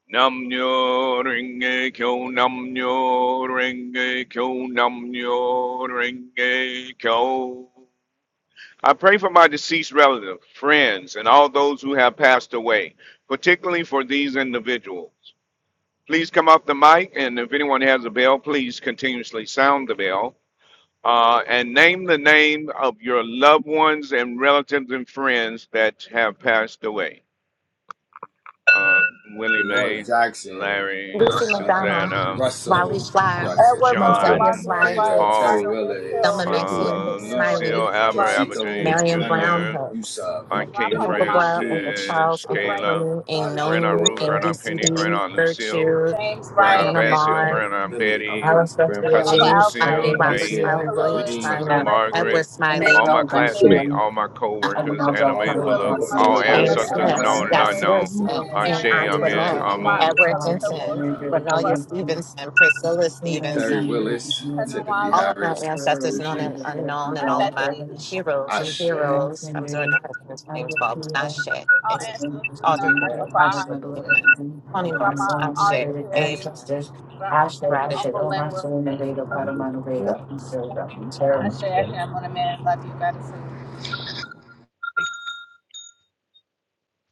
Nam nyo renge kyo nam nyo renge kyo nam nyo renge kyo. I pray for my deceased relatives, friends, and all those who have passed away, particularly for these individuals. please come off the mic, and if anyone has a bell, please continuously sound the bell. Uh, and name the name of your loved ones and relatives and friends that have passed away. Uh, Willie
Dolores
Mae,
Jackson,
Larry,
Lucy
uh,
McDonald,
Susanna,
Wally
Russell
Schleier,
Jackson,
Edward Bone,
Moselia
John,
Ganyo.
Margaret
Sly
Jada,
Wright,
Terry
Hicks,
Paul,
Margaret
Willis,
Whitfield,
Thelma
Ruth
Maxine
uh,
Hicks
Whitfield,
Smiley,
Lucille,
Aisha
Albert,
Wright,
Albert
Josito
James
is
Marion
in
Morgano,
Brown
Jr.,
Hicks,
Yusuf,
like
Aunt
that.
Kate
Grandpa
Minute
Uncle
Maid
Brad,
Demarcus,
Uncle
Beach,
Charles,
Francis,
Timothy
Uncle
uh,
Wright
Kayla,
Tony, Ain't
Sada
Grandaunt
Noni,
Ruth,
Shakur,
Ain't
Jr.,
Grandaunt
So
Penny,
uh,
DCD,
Grandaunt Lucille,
Virtue,
James
Auntie
Grandaunt
Wright,
Anna
Anne,
Vassil,
Maud,
Grandaunt
Billy,
Betty,
Uncle
Alice
Grandpa
Garcia,
Uncle
cousin
Jada,
James
Alvin,
Smiley,
Lucille,
Maria
Robert
Nate,
Vivian, Miss
Smiley,
Garcia,
Uncle
William
Lewis,
Darlene,
cousin
Smiley,
Aunt
Justina,
Leslie,
Edward
Margaret,
Smiley,
all my
Emmanuel
Aunt
Twitter,
Garcia,
classmates,
Mary,
all my co-workers,
Aguinaldo del
all of
anime
Tisha
you
my
Carmen
know,
Willis,
Bullock,
but
unborn
Mother
that's
Johnson,
all
all
Mann,
Paulo
James
Mother
children,
ancestors
Elliott,
it's
Smith,
Mother
known
been
Rivera,
and
uh,
Willis,
Yasir
unknown.
fun,
Smith,
Ashe,
and
Arnold
Terrence Eater,
Brown,
Amen,
Kid
Antoinette,
Jason
Amun.
Jerome,
Watley,
Edward
John
Shalitha
Jeffrey
Hinton,
Wilson,
uh,
Nina
Cornelia
Ranger,
Russell,
Stevenson, Priscilla
my
Stevenson,
Terry Willis,
Cousin
Timothy
all
Wally,
of my
Harris,
ancestors
beloved
known
Gucci,
and unknown, and
Aunt
all of my
Betsy,
heroes and
Ashe,
heroes I'm sorry, no husbands names, Bob Nashe,
all ancestors known
Audrey
as my
Lorde, Ashe,
father,
Amen, Toni
and the
Morris,
Grandma
born
Ashe,
Ari
elevated
Amen,
Perry,
ancestors,
Grand-
Ashe, Ashe,
Uncle
gratitude.
O
Linwood,
Master,
I
Vega,
better,
Padamana
more
Vega, and Silva, and Terra.
fun.
sure I can, Mother Mann, love you, gratitude.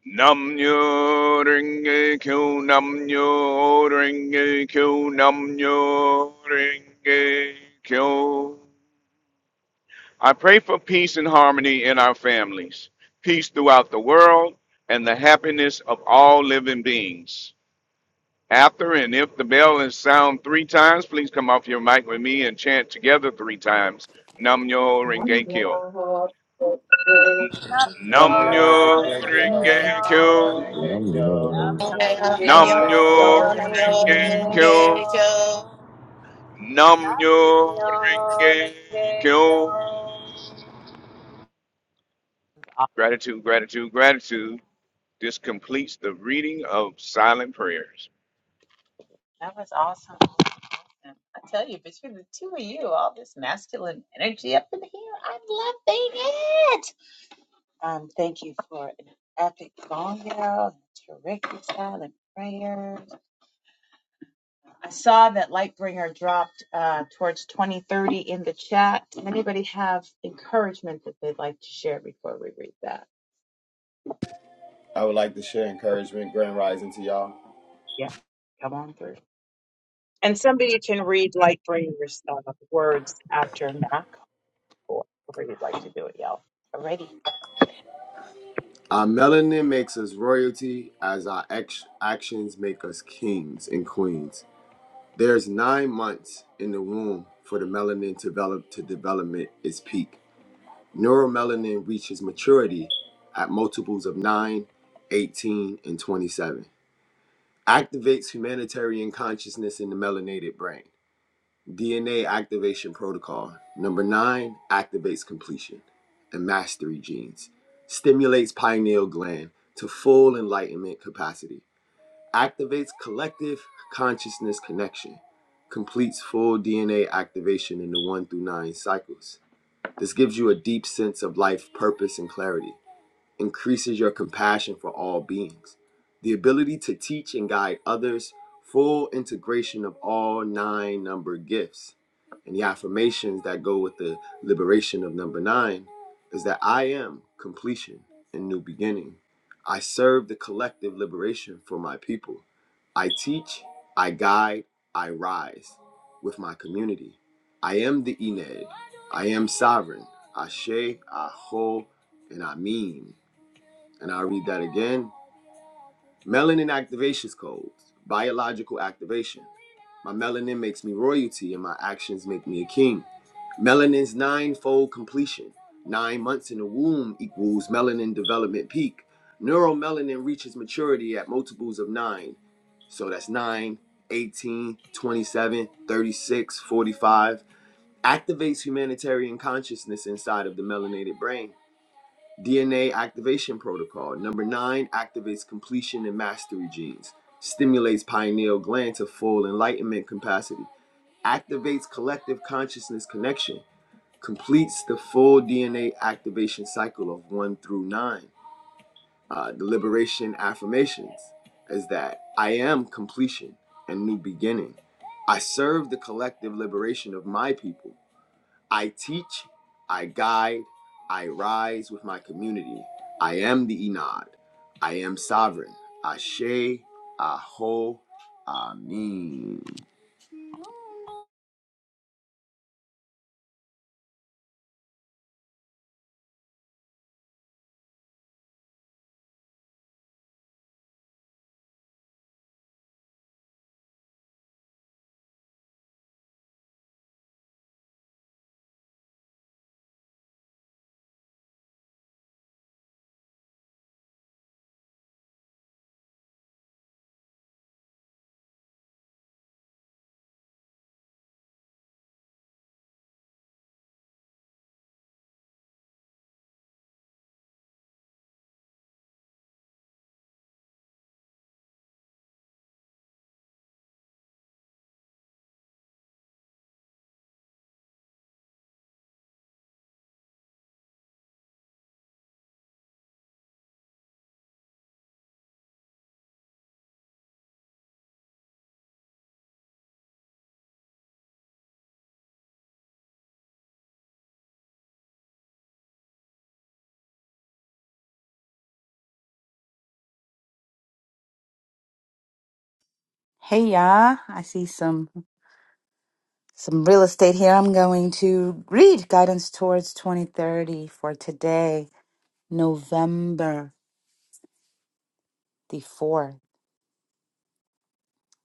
Nam nyo ringe kyo, nam nyo ringe kyo, nam nyo ringe kyo. I pray for peace and harmony in our families, peace throughout the world, and the happiness of all living beings. After and if the bell is sound three times, please come off your mic with me and chant together three times. Nam yo renge kyo. N-
I'm
Nam
all
yo
in the
Nam-myoho-renge-kyo,
renge
nam
kyo.
You know,
show.
and,
myoho
I'm
uh,
Nam-myoho,
Nam
nam-myoho,
all
yo
in the
renge
nam-myoho,
kyo.
nam-myoho,
show.
Nam
Nam
yo
yo
renge
ringe kyo.
kyo. Gratitude, gratitude, gratitude. This completes the reading of silent prayers.
I would like to share encouragement, grand rising to y'all. Our melanin makes us royalty, as our ex- actions make us kings and queens. There's nine months in the womb for the melanin to develop to development its peak. Neuromelanin reaches maturity at multiples of 9, 18, and 27. Activates humanitarian consciousness in the melanated brain DNA activation protocol. Number nine activates completion and mastery genes, stimulates pineal gland to full enlightenment capacity, activates collective consciousness connection, completes full DNA activation in the one through nine cycles. This gives you a deep sense of life purpose and clarity increases your compassion for all beings, the ability to teach and guide others, full integration of all nine number gifts. And the affirmations that go with the liberation of number nine is that I am completion and new beginning. I serve the collective liberation for my people. I teach, I guide, I rise with my community. I am the Ened. I am sovereign. Ashe, Aho, and Amin. And I'll read that again. Melanin activation codes, biological activation. My melanin makes me royalty and my actions make me a king. Melanin's ninefold completion. Nine months in the womb equals melanin development peak. Neuromelanin reaches maturity at multiples of nine. So that's 9, 18, 27, 36, 45. Activates humanitarian consciousness inside of the melanated brain. DNA activation protocol. Number nine activates completion and mastery genes, stimulates pineal gland to full enlightenment capacity, activates collective consciousness connection, completes the full DNA activation cycle of one through nine. Uh, the liberation affirmations is that I am completion and new beginning. I serve the collective liberation of my people. I teach, I guide, I rise with my community. I am the Enad. I am sovereign. Ashe, Aho, Amin.
Hey, y'all. I see some. some real estate here. I'm going to read Guidance Towards 2030 for today, November the 4th,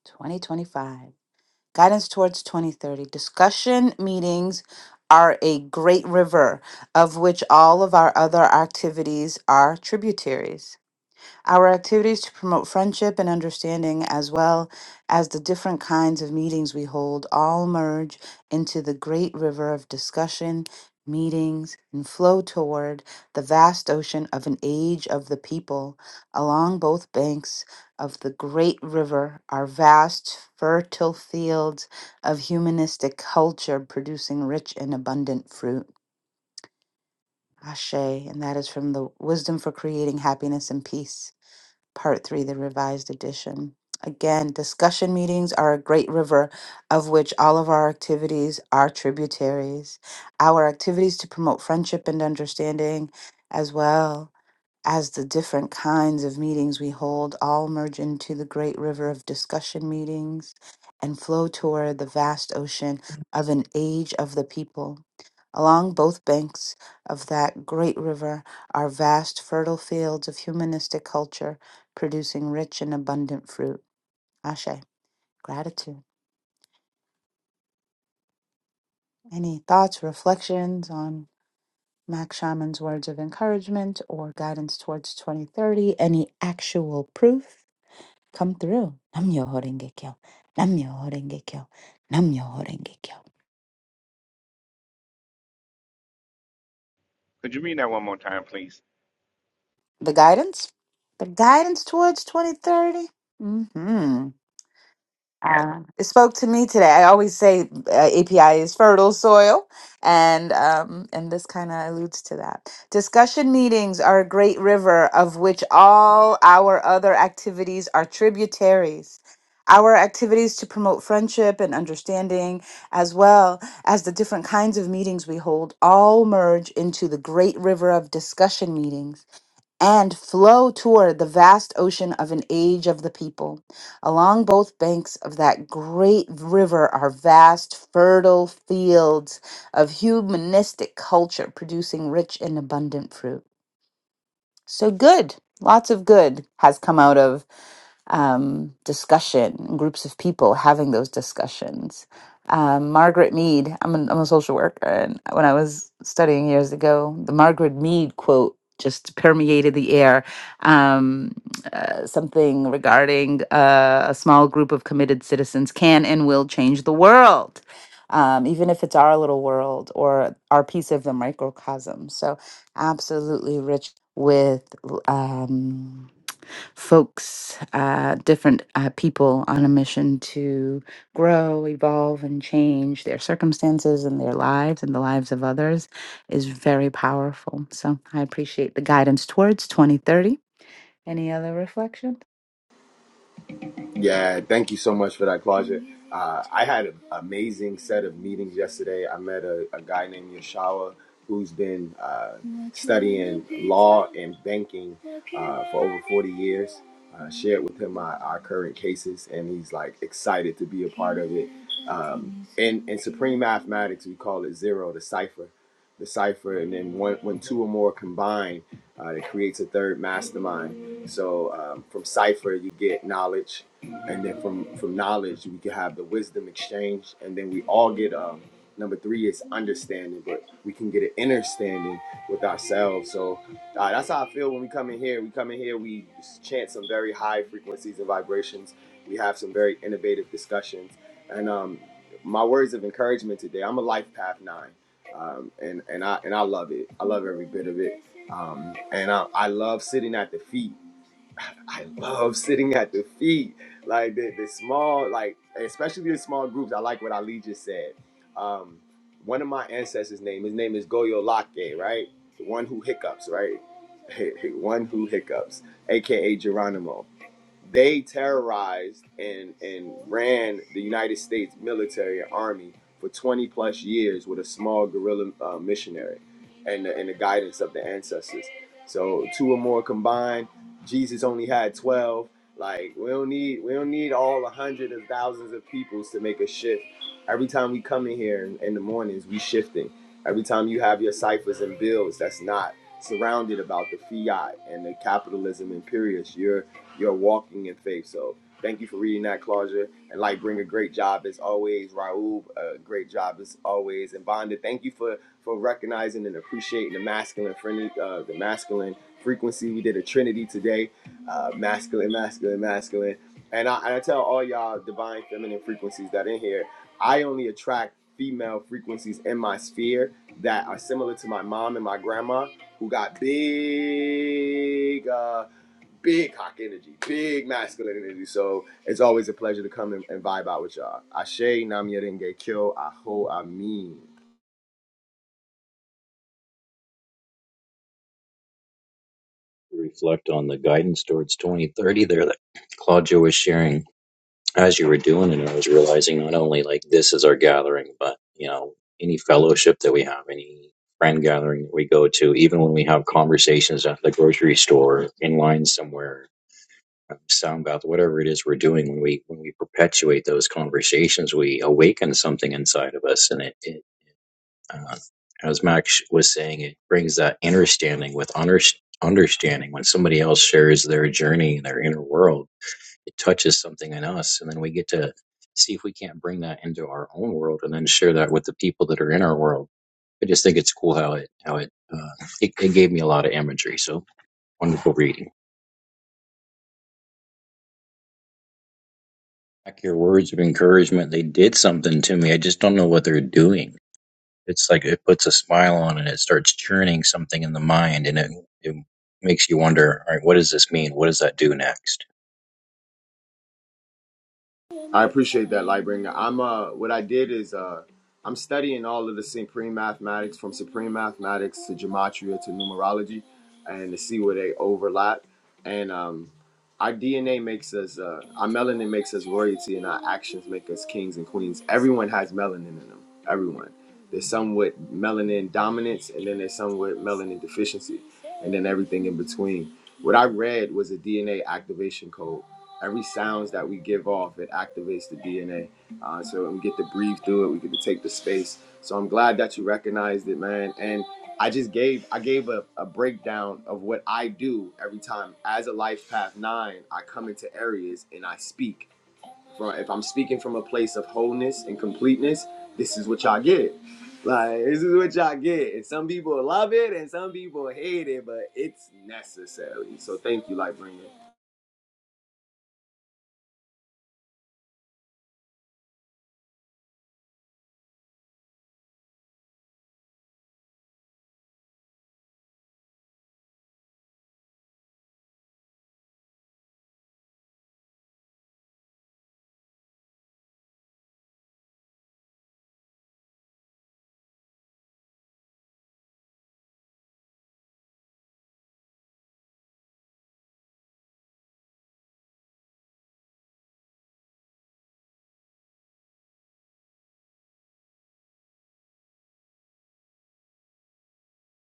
2025. Guidance Towards 2030. Discussion meetings are a great river of which all of our other activities are tributaries. Our activities to promote friendship and understanding, as well as the different kinds of meetings we hold, all merge into the great river of discussion, meetings, and flow toward the vast ocean of an age of the people. Along both banks of the great river are vast, fertile fields of humanistic culture producing rich and abundant fruit. Ashe, and that is from the Wisdom for Creating Happiness and Peace. Part 3, the revised edition. Again, discussion meetings are a great river of which all of our activities are tributaries. Our activities to promote friendship and understanding, as well as the different kinds of meetings we hold, all merge into the great river of discussion meetings and flow toward the vast ocean of an age of the people. Along both banks of that great river are vast, fertile fields of humanistic culture, producing rich and abundant fruit. Ashe, gratitude. Any thoughts, reflections on Mac Shaman's words of encouragement or guidance towards 2030? Any actual proof? Come through. Nam yo horenge kyo. Nam yo horenge kyo. Nam yo horenge kyo.
Could you read that one more time, please?
The guidance? The guidance towards 2030? Mm hmm. Uh, it spoke to me today. I always say uh, API is fertile soil, and um, and this kind of alludes to that. Discussion meetings are a great river of which all our other activities are tributaries. Our activities to promote friendship and understanding, as well as the different kinds of meetings we hold, all merge into the great river of discussion meetings and flow toward the vast ocean of an age of the people. Along both banks of that great river are vast, fertile fields of humanistic culture producing rich and abundant fruit. So, good, lots of good has come out of um, discussion, groups of people having those discussions. Um, Margaret Mead, I'm, an, I'm a social worker, and when I was studying years ago, the Margaret Mead quote just permeated the air. Um, uh, something regarding uh, a small group of committed citizens can and will change the world, um, even if it's our little world or our piece of the microcosm. So, absolutely rich with um, folks, uh, different uh, people on a mission to grow, evolve, and change their circumstances and their lives and the lives of others is very powerful. So I appreciate the guidance towards 2030. Any other reflections?
Yeah, thank you so much for that, Claudia. Uh, I had an amazing set of meetings yesterday. I met a, a guy named Yashawa who's been uh, studying law and banking uh, for over 40 years. Uh, shared with him my, our current cases, and he's like excited to be a part of it. Um, in, in supreme mathematics, we call it zero, the cipher. The cipher, and then one, when two or more combine, uh, it creates a third mastermind. So um, from Cypher, you get knowledge. And then from, from knowledge, we can have the wisdom exchange. And then we all get um, number three is understanding, but we can get an inner standing with ourselves. So uh, that's how I feel when we come in here. We come in here, we chant some very high frequencies and vibrations. We have some very innovative discussions. And um, my words of encouragement today, I'm a life path nine. Um, and, and I and I love it. I love every bit of it um, and I, I love sitting at the feet. I love sitting at the feet, like the, the small, like especially the small groups. I like what Ali just said. Um, one of my ancestors' name, his name is Goyo Lake, right? The one who hiccups, right? One who hiccups, aka Geronimo. They terrorized and, and ran the United States military and army for 20 plus years with a small guerrilla uh, missionary and the, and the guidance of the ancestors. So two or more combined. Jesus only had 12. Like we don't need we don't need all a hundred of thousands of peoples to make a shift. Every time we come in here in, in the mornings, we shifting. Every time you have your ciphers and bills, that's not surrounded about the fiat and the capitalism imperious. you're. You're walking in faith. So thank you for reading that, Claudia. And like, bring a great job as always, Raul. A great job as always, and Bonda. Thank you for for recognizing and appreciating the masculine friendly, uh, the masculine frequency. We did a trinity today, uh, masculine, masculine, masculine. And I, and I tell all y'all divine feminine frequencies that in here, I only attract female frequencies in my sphere that are similar to my mom and my grandma who got big uh, big cock energy, big masculine energy. So it's always a pleasure to come and, and vibe out with y'all. Ashe Namya Denge Kyo Aho Amin.
to Reflect on the guidance towards 2030 there that Claudia was sharing as you were doing, and I was realizing not only like this is our gathering, but you know, any fellowship that we have, any friend gathering that we go to, even when we have conversations at the grocery store, in line somewhere, sound bath, whatever it is we're doing, when we when we perpetuate those conversations, we awaken something inside of us, and it, it uh, as Max was saying, it brings that understanding with under, understanding. When somebody else shares their journey, their inner world, it touches something in us, and then we get to see if we can't bring that into our own world, and then share that with the people that are in our world. I just think it's cool how it how it uh, it, it gave me a lot of imagery. So wonderful reading. Like your words of encouragement, they did something to me. I just don't know what they're doing. It's like it puts a smile on and it starts churning something in the mind and it, it makes you wonder, all right, what does this mean? What does that do next?
I appreciate that, Lightbringer. I'm uh, what I did is uh, I'm studying all of the supreme mathematics from supreme mathematics to gematria to numerology, and to see where they overlap. And um, our DNA makes us, uh, our melanin makes us royalty, and our actions make us kings and queens. Everyone has melanin in them. Everyone. There's some with melanin dominance, and then there's some with melanin deficiency, and then everything in between. What I read was a DNA activation code every sounds that we give off it activates the dna uh, so we get to breathe through it we get to take the space so i'm glad that you recognized it man and i just gave i gave a, a breakdown of what i do every time as a life path nine i come into areas and i speak from if i'm speaking from a place of wholeness and completeness this is what y'all get like this is what y'all get and some people love it and some people hate it but it's necessary so thank you Lightbringer.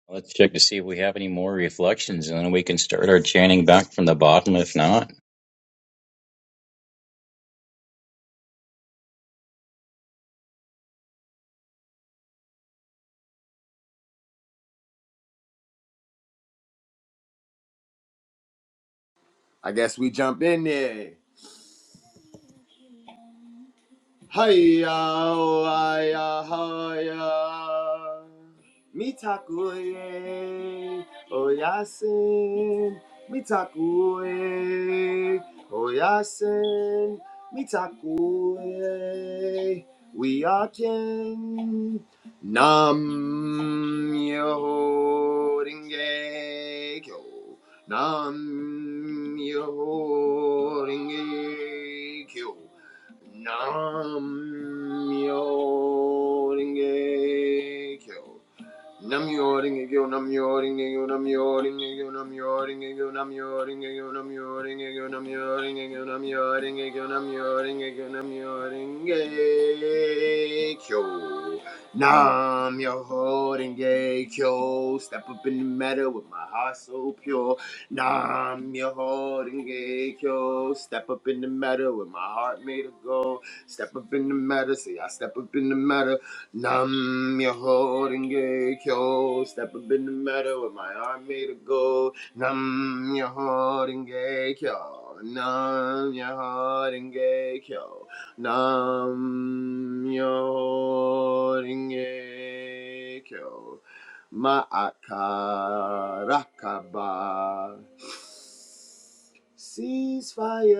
Well, Let's check to see if we have any more reflections and then we can start our chanting back from the bottom if not.
i guess we jump in there Hiya, hiya, hiya. Mitakuye, oyasin. Mitakuye, oyasin. Mitakuye, we are kin. Nam yo ringe kyo. Nam yo ringe kyo. Nam-myoho-renge-kyo. Nam-myoho-renge-kyo, Nam-myoho-renge-kyo, Nam-myoho-renge-kyo, Nam-myoho-renge-kyo, Nam-myoho-renge-kyo, Nam-myoho-renge-kyo, Nam-myoho-renge-kyo, Nam-myoho-renge-kyo, Nam-myoho-renge-kyo, Nam-myoho-renge-kyo. Nam-myoho-renge-kyo. Step up in the meadow with my heart so pure. Nam your holding gay kyo. Step up in the matter with my heart made of gold. Step up in the matter, see I step up in the matter. Nam your holding gay kyo. Step up in the matter with my heart made of gold. Nam your holding gay kyo. Nam your holding gay kyo. Nam your holding gay kyo. Ma'akarakaba. Ceasefire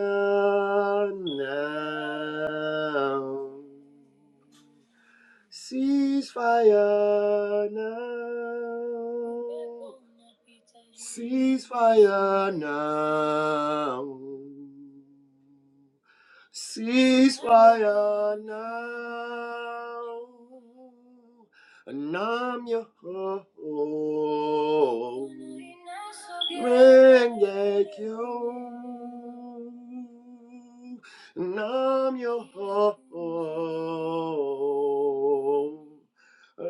now. Ceasefire now. Ceasefire now. Cease fire now. And I'm your home. Rengekyo. And I'm your home. I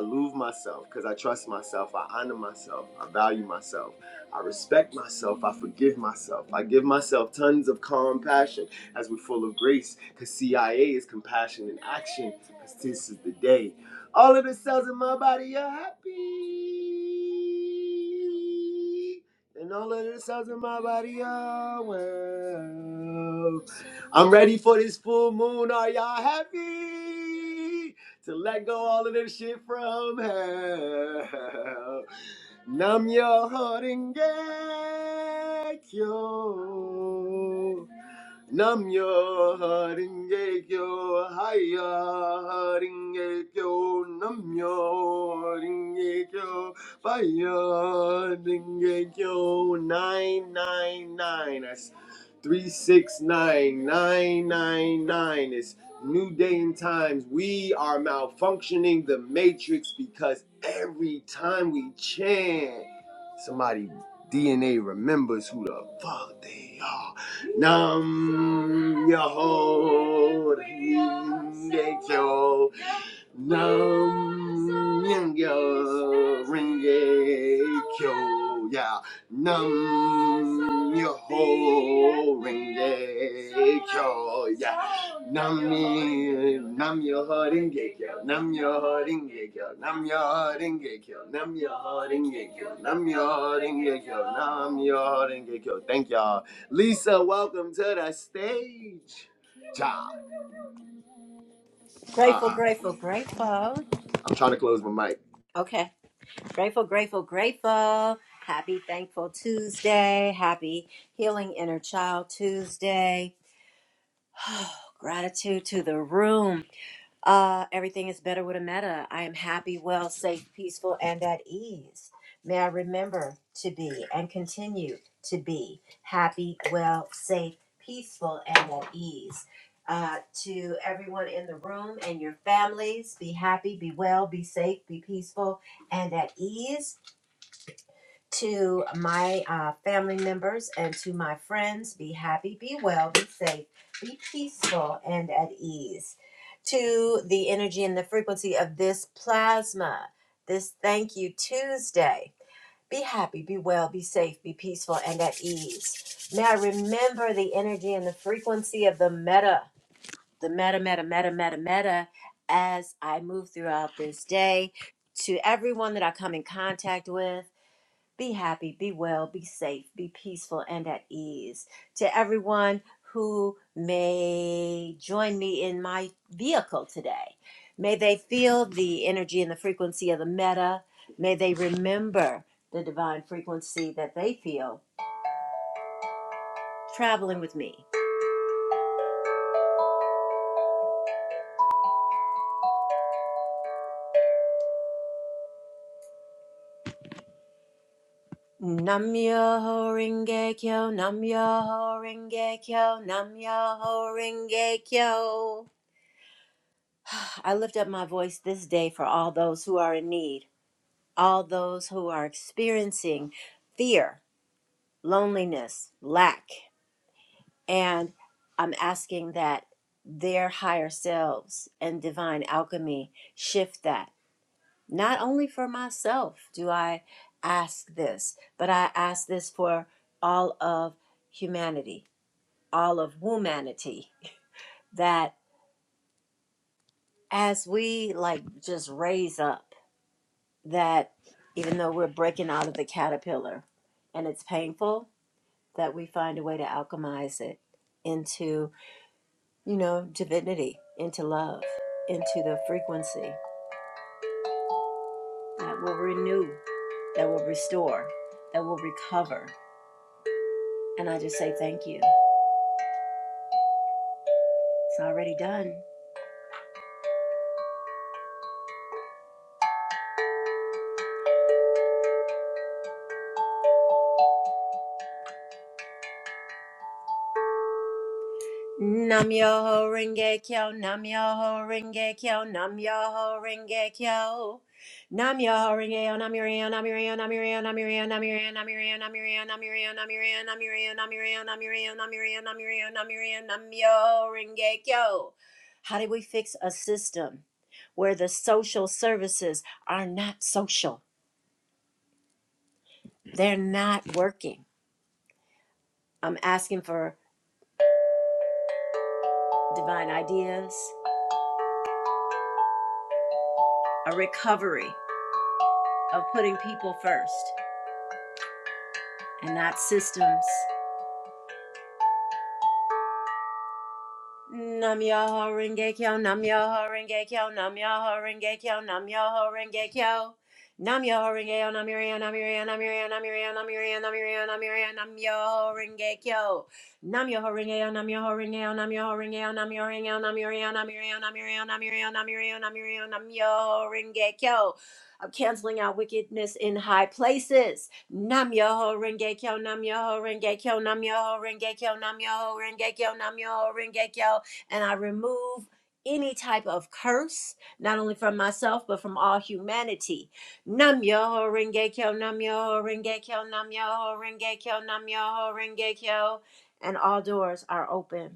love myself because I trust myself. I honor myself. I value myself. I respect myself. I forgive myself. I give myself tons of compassion as we're full of grace because CIA is compassion in action because this is the day. All of the cells in my body are happy and all of the cells in my body are well. I'm ready for this full moon. Are y'all happy to let go all of this shit from hell? Numb your heart and get cured. Namyo Haringe Kyo Haya Haringe Kyo Namyo Haringe Kyo Fire Haringe Kyo 999 That's 369999 It's New Day and Times We are malfunctioning the matrix because every time we chant somebody DNA remembers who the fuck they are Nam Yaho Ringe Kyo. Nam Yaho Ringe Kyo. Yeah. Nam Yaho Ringe Kyo. Yeah. Nam mi- Nam Yaho Ringe Kyo. Nam Yaho Ringe Kyo. Nam Yaho Ringe Kyo. Nam Yaho Ringe Kyo. Nam Yaho Ringe Kyo. Nam Yaho Ringe Kyo. Thank y'all. Lisa, welcome to the stage. Child. Ah,
Grateful, grateful, grateful.
I'm trying to close my mic.
Okay. Grateful, grateful, grateful. Happy Thankful Tuesday. Happy Healing Inner Child Tuesday. Gratitude to the room. Uh, everything is better with a meta. I am happy, well, safe, peaceful, and at ease. May I remember to be and continue to be happy, well, safe, peaceful, and at ease. Uh, to everyone in the room and your families, be happy, be well, be safe, be peaceful, and at ease to my uh, family members and to my friends be happy, be well, be safe, be peaceful, and at ease. To the energy and the frequency of this plasma, this Thank You Tuesday. Be happy, be well, be safe, be peaceful, and at ease. Now remember the energy and the frequency of the meta, the meta, meta, meta, meta, meta, as I move throughout this day. To everyone that I come in contact with, be happy, be well, be safe, be peaceful, and at ease. To everyone who may join me in my vehicle today, may they feel the energy and the frequency of the meta. May they remember the divine frequency that they feel traveling with me. Nam Yoho Ringe Kyo, Nam Yoho Ringe Kyo, Nam Yoho Ringe Kyo. I lift up my voice this day for all those who are in need. all those who are experiencing fear, loneliness, lack. And I'm asking that their higher selves and divine alchemy shift that. Not only for myself do I ask this, but I ask this for all of humanity, all of womanity, that as we like just raise up, that even though we're breaking out of the caterpillar and it's painful, that we find a way to alchemize it into, you know, divinity, into love, into the frequency that will renew, that will restore, that will recover. And I just say thank you. It's already done. Nam Yoho Renge Kyo, Nam Yoho Renge Kyo, Nam Yoho Renge Kyo. Nam Yoho Renge Yo, Nam Yurio, Nam Yurio, Nam Yurio, Nam Yurio, Nam Yurio, Nam Yurio, Nam Yurio, Nam Yurio, Nam Yurio, Nam Yurio, Nam Yurio, Nam Yurio, Nam Yurio, Nam Yurio, Nam Yurio, Nam Yoho Renge Kyo. How do we fix a system where the social services are not social? They're not working. I'm asking for divine ideas, a recovery of putting people first. and not systems. Nam Yoho Renge Kyo, Nam Yoho Renge Kyo, Nam Yoho Renge Kyo, Nam Yoho Renge Kyo. Nam Yoho Renge yo. Nam Yoho Nam Yoho Nam Yoho Nam Yoho Nam Yoho Nam Yoho Nam Yoho Nam Yoho Renge Kyo. Nam Yoho Renge yo. Nam Yoho Renge yo. Nam Yoho Renge yo. Nam Yoho Renge yo. Nam Yoho Nam Yoho Nam Yoho Nam Yoho Nam Yoho Nam Yoho Nam Yoho Renge Kyo. I'm canceling out wickedness in high places. Nam Yoho Renge Kyo, Nam Yoho Renge Kyo, Nam Yoho Renge Kyo, Nam Yoho Renge Kyo, Nam Yoho Renge Kyo. And I remove any type of curse, not only from myself, but from all humanity. Nam Yoho Renge Kyo, Nam Yoho Renge Kyo, Nam Yoho Renge Kyo, Nam Yoho Renge Kyo. And all doors are open.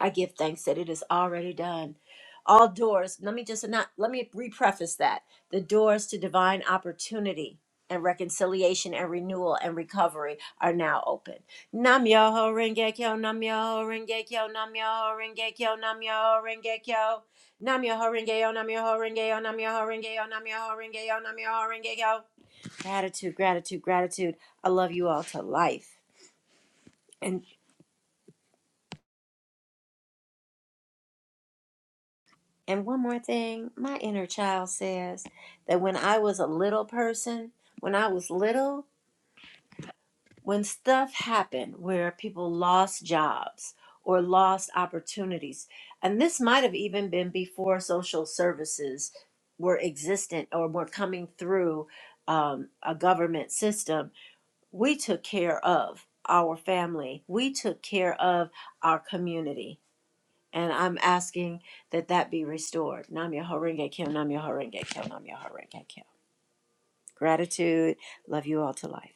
I give thanks that it is already done. All doors, let me just not let me repreface that. The doors to divine opportunity and reconciliation and renewal and recovery are now open. Nam yoho renge kyo, nam yoho renge kyo, nam yoho renge kyo, nam yoho renge kyo. Nam yoho renge yo, nam yoho renge yo, nam yoho renge yo, nam yoho renge yo, nam yoho renge yo. Gratitude, gratitude, gratitude. I love you all to life. and. And one more thing, my inner child says that when I was a little person, when I was little, when stuff happened where people lost jobs or lost opportunities, and this might have even been before social services were existent or were coming through um, a government system, we took care of our family, we took care of our community and I'm asking that that be restored. Nam Myoho Renge Kyo, Nam Myoho Renge Kyo, Nam Myoho Renge Kyo. Gratitude. Love you all to life.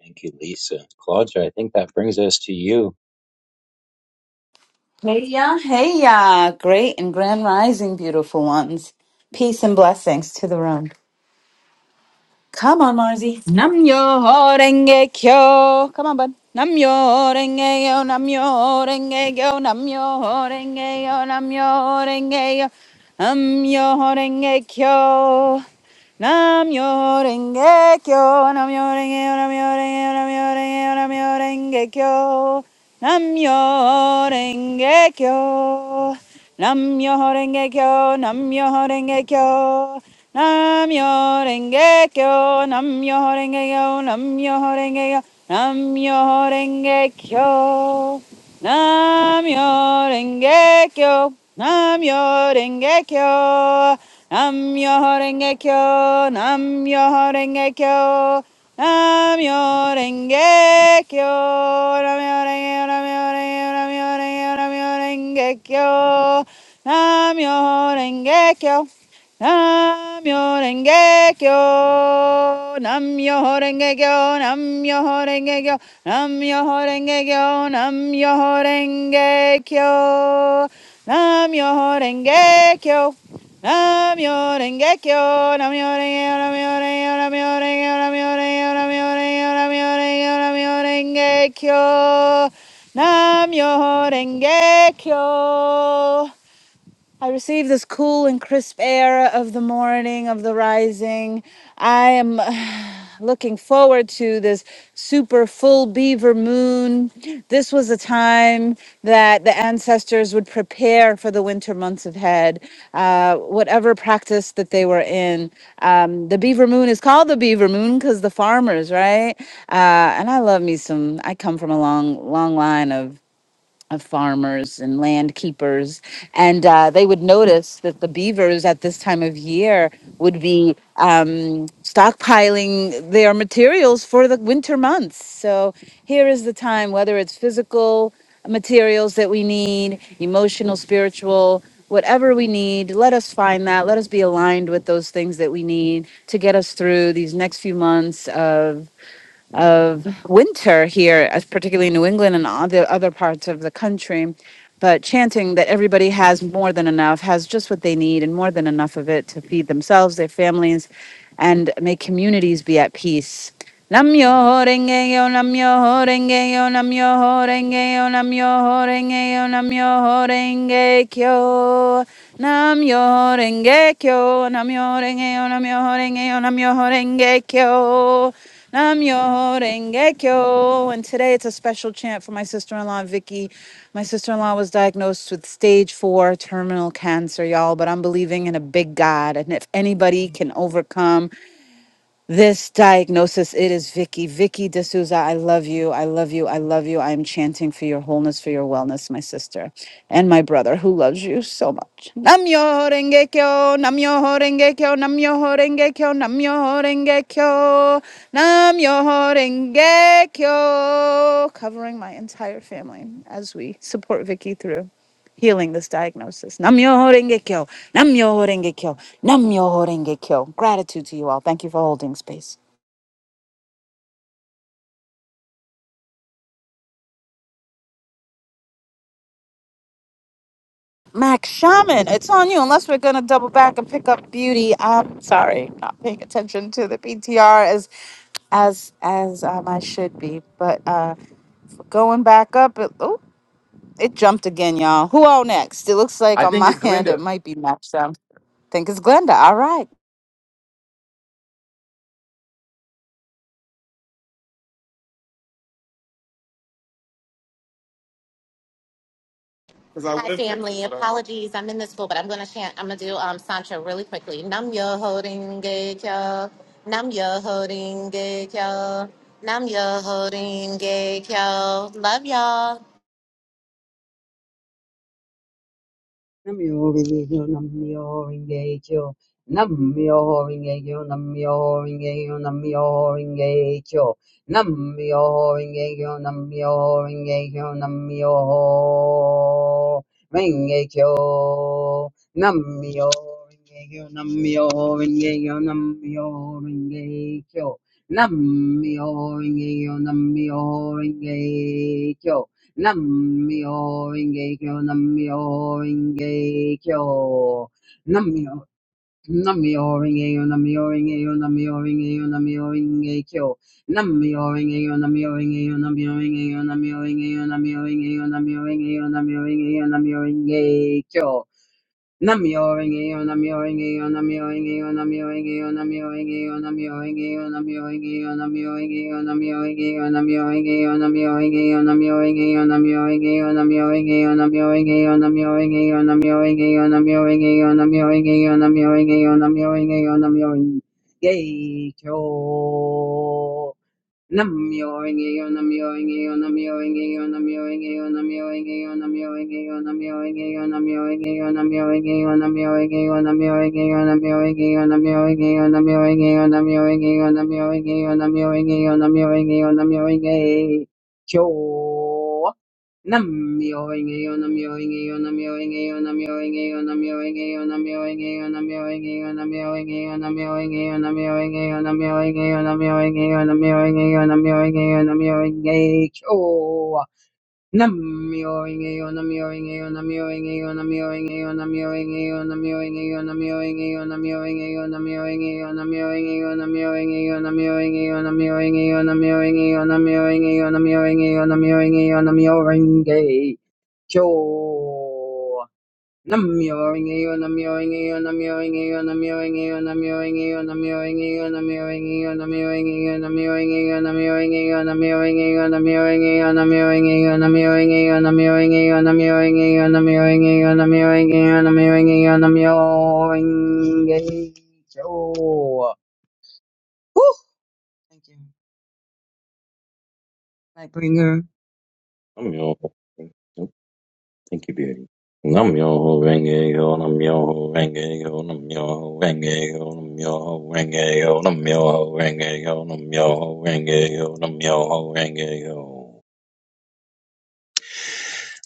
Thank you, Lisa. Claudia, I think that brings us to you.
Hey ya, hey ya. Great and grand rising, beautiful ones. Peace and blessings to the room. Come on, Marzi. Namyo renge kyo. Come on, bud. Namyo renge yo, namyo renge yo, namyo renge yo, namyo renge yo, namyo renge kyo. Namyo Renge Kyo, Namyo Renge, Namyo Renge, Namyo Renge, Namyo Renge Kyo, Namyo Renge Kyo, Namyo Renge Kyo, Namyo Renge Kyo, Namyo Renge Kyo, Namyo Renge Kyo, Namyo Renge Kyo, Namyo Renge Kyo, Namyo Renge Kyo, Namyo Renge Kyo. Namyo Myoho Renge Kyo, Namyo Myoho Renge Kyo, Namyo Myoho Renge Kyo, Nam Renge, Nam Renge, Nam Renge, Nam Renge Kyo, Nam Renge Kyo. Namyo Renge Kyo, Namyo Renge Kyo, Namyo Renge Kyo, Namyo Renge Kyo, Namyo Renge Kyo, Namyo Renge Kyo, Namyo Rengekyo, Namyo Rengekyo, Namyo Rengekyo, Namyo Rengekyo, Namyo Rengekyo, Namyo Rengekyo, Namyo Rengekyo, Namyo Rengekyo, Namyo Rengekyo. I receive this cool and crisp air of the morning, of the rising. I am looking forward to this super full beaver moon. This was a time that the ancestors would prepare for the winter months ahead, uh, whatever practice that they were in. Um, the beaver moon is called the beaver moon because the farmers, right? Uh, and I love me some, I come from a long, long line of of farmers and land keepers, and uh, they would notice that the beavers at this time of year would be um, stockpiling their materials for the winter months. So here is the time, whether it's physical materials that we need, emotional, spiritual, whatever we need, let us find that. Let us be aligned with those things that we need to get us through these next few months of of winter here, as particularly in New England and other other parts of the country. But chanting that everybody has more than enough, has just what they need, and more than enough of it to feed themselves, their families, and may communities be at peace. Namyo renge yo, namyo renge yo, namyo renge yo, namyo renge yo, namyo renge kyo. Namyo renge kyo, namyo renge yo, namyo renge yo, namyo renge Namyo Renge Kyo. And today it's a special chant for my sister in law, Vicky. My sister in law was diagnosed with stage four terminal cancer, y'all, but I'm believing in a big God. And if anybody can overcome, this diagnosis. It is Vicky. Vicky D'Souza, I love you. I love you. I love you. I am chanting for your wholeness, for your wellness, my sister, and my brother who loves you so much. Namyo renge kyo, namyo renge kyo, namyo renge kyo, namyo renge kyo, namyo renge kyo. Covering my entire family as we support Vicky through healing this diagnosis. Namyo Renge Kyo, Namyo Renge Kyo, Namyo Renge Kyo. Gratitude to you all. Thank you for holding space. Max Shaman, it's on you. Unless we're going to double back and pick up beauty. I'm sorry, not paying attention to the PTR as as as um, I should be. But uh, going back up, it, oh, it jumped again, y'all. Who all next? It looks like
I
on
think
my
it's
hand it
Glenda.
might be Max Shaman. think it's Glenda. All right.
because I Hi, would have family. but I Apologies, I'm in this pool, but I'm gonna chant. I'm gonna do um Sancho really quickly. Nam yo holding gay kyo. Nam yo holding gay kyo. Nam yo holding gay kyo. Love y'all.
Nam-myoho-renge-kyo, Nam-myoho-renge-kyo, Nam-myoho-renge-kyo, Nam-myoho-renge-kyo, Nam-myoho-renge-kyo, Nam-myoho-renge-kyo, Nam-myoho-renge-kyo, Nam-myoho-renge-kyo, Nam-myoho-renge-kyo, Nam-myoho-renge-kyo, Nam-myoho-renge-kyo, Nam-myoho-renge-kyo, Nam-myoho-renge-kyo, Namyo Renge Kyo, Namyo Renge Kyo, Namyo Rengekyo, Namyo Renge Kyo, Namyo Renge Kyo, Namyo Renge Kyo, Namyo Renge Kyo, Namyo Renge Kyo, Namyo Renge Kyo, Namyo Renge Kyo, Namyo Renge Kyo, Namyo Renge Kyo, Namyo Renge Kyo, Namyo Renge Kyo, Namyo Renge Namyo Namioing, Namioing, Woo! Thank you. Nightbringer.
I'm your- Thank you, beauty. Nam yo ho renge yo, nam yo ho renge yo, nam yo ho renge yo, nam yo ho renge yo, nam yo ho renge yo, nam yo ho renge yo, nam yo ho renge yo.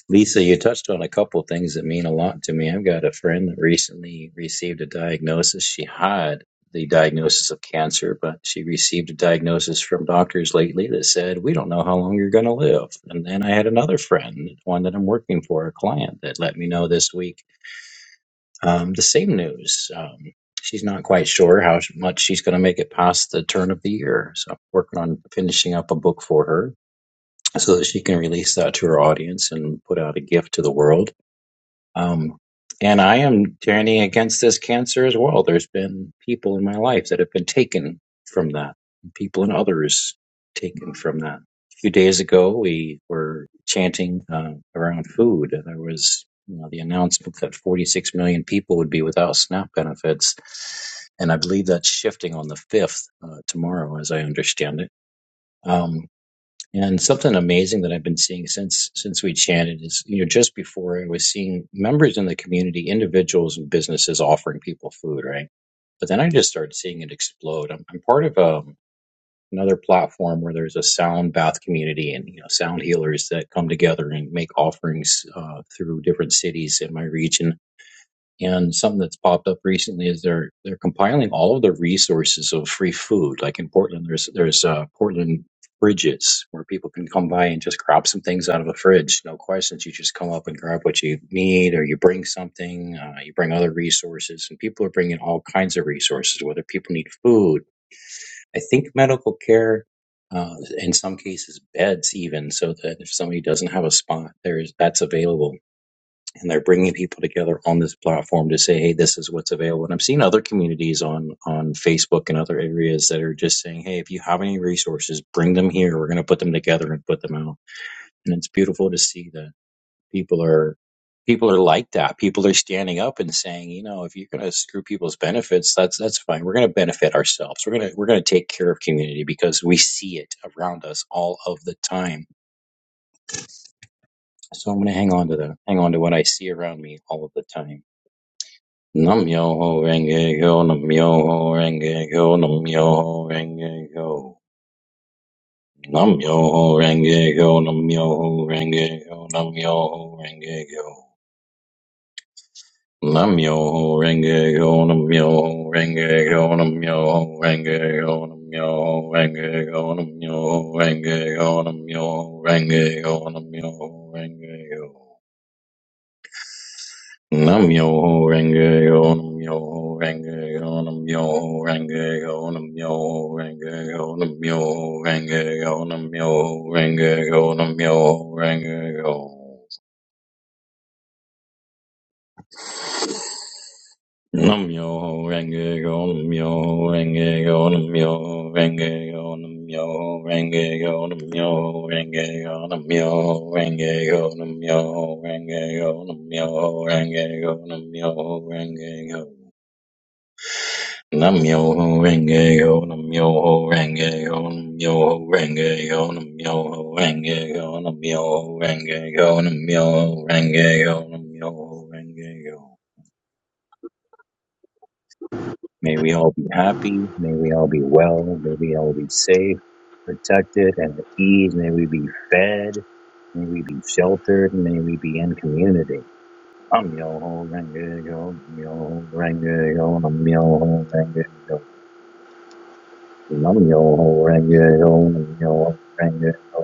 Lisa, you touched on a couple things that mean a lot to me. I've got a friend that recently received a diagnosis. She had the diagnosis of cancer, but she received a diagnosis from doctors lately that said, We don't know how long you're going to live. And then I had another friend, one that I'm working for, a client, that let me know this week Um, the same news. Um, she's not quite sure how much she's going to make it past the turn of the year. So I'm working on finishing up a book for her so that she can release that to her audience and put out a gift to the world. Um, and I am turning against this cancer as well. There's been people in my life that have been taken from that, and people and others taken from that. A few days ago, we were chanting uh, around food, and there was you know, the announcement that 46 million people would be without SNAP benefits. And I believe that's shifting on the 5th uh, tomorrow, as I understand it. Um. And something amazing that I've been seeing since since we chatted is, you know, just before I was seeing members in the community, individuals and businesses offering people food, right? But then I just started seeing it explode. I'm, I'm part of um another platform where there's a sound bath community and you know sound healers that come together and make offerings uh, through different cities in my region and something that's popped up recently is they're they're compiling all of the resources of free food. Like in Portland, there's there's uh, Portland fridges where people can come by and just grab some things out of a fridge. No questions, you just come up and grab what you need, or you bring something. Uh, you bring other resources, and people are bringing all kinds of resources. Whether people need food, I think medical care. Uh, in some cases, beds even, so that if somebody doesn't have a spot, there's that's available and they're bringing people together on this platform to say, "Hey, this is what's available." And I'm seeing other communities on on Facebook and other areas that are just saying, "Hey, if you have any resources, bring them here. We're going to put them together and put them out." And it's beautiful to see that people are people are like that. People are standing up and saying, "You know, if you're going to screw people's benefits, that's that's fine. We're going to benefit ourselves. We're going to we're going to take care of community because we see it around us all of the time." So I'm going to hang on to that. Hang on to what I see around me all of the time Nam yo ho renge kyo, nam yo ho renge kyo, nam yo ho renge kyo. Nam yo ho renge kyo, nam yo ho renge kyo, nam yo ho renge kyo. Nam yo ho renge kyo, nam yo ho renge kyo, nam yo ho renge kyo, nam yo ho renge kyo, nam yo ho renge kyo, nam yo ho renge kyo, nam yo ho renge kyo. Nam yo ho renge yo nam yo ho renge yo nam yo ho renge yo nam yo ho renge yo nam yo ho renge yo nam yo ho renge yo nam yo ho renge yo Nam yo ho renge go nam yo ho renge go nam yo ho renge go nam yo ho renge go nam yo ho renge go nam yo ho renge go nam yo ho renge go nam yo ho renge go nam yo ho renge go Namyoho Renge Kyo, Namyoho Renge Kyo, Namyoho Renge Kyo, Namyoho Renge Kyo, Namyoho Renge Kyo, Namyoho Renge Kyo, Namyoho Renge Kyo. May we all be happy, may we all be well, may we all be safe, protected, and at ease, may we be fed, may we be sheltered, may we be in community. I'm ho renge yo, I'm ho renge yo, I'm ho renge yo. Nam yo ho renge ho, nam yo ho renge ho.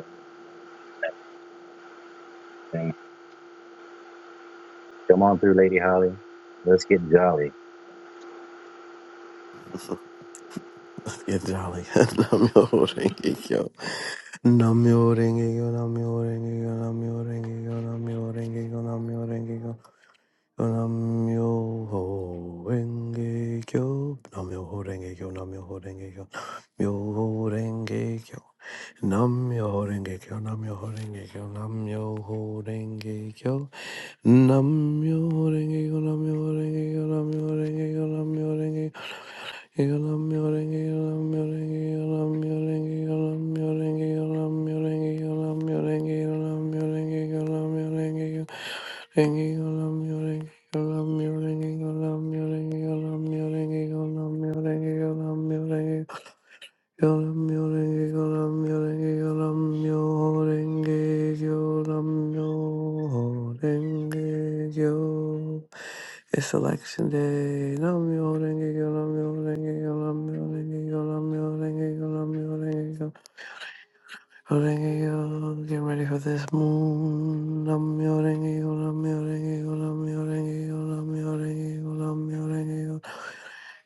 Come on through, Lady Holly. Let's get jolly.
You're jolly. Namyo Rengekyo. Namyo Rengekyo, Namyo Rengekyo, Namyo Rengekyo, Namyo Rengekyo, Namyo Rengekyo. Namyoho Renge Kyo, Namyoho Renge Kyo, Namyoho Renge Kyo, Namyoho Renge Kyo, Namyoho Renge Kyo, Namyoho Renge Kyo, Namyoho Renge Kyo, Namyoho Renge Kyo, Namyoho Renge Kyo, Namyoho Renge Kyo, Namyoho Renge Kyo, Yoram yorenge yoram yorenge yoram yorenge yoram yorenge yo. It's election day. Nam yorenge yoram yorenge yoram yorenge yoram yorenge yoram yorenge Orangeo, get ready for this moon. Namyo orangeo, namyo orangeo, namyo orangeo, namyo orangeo, namyo orangeo.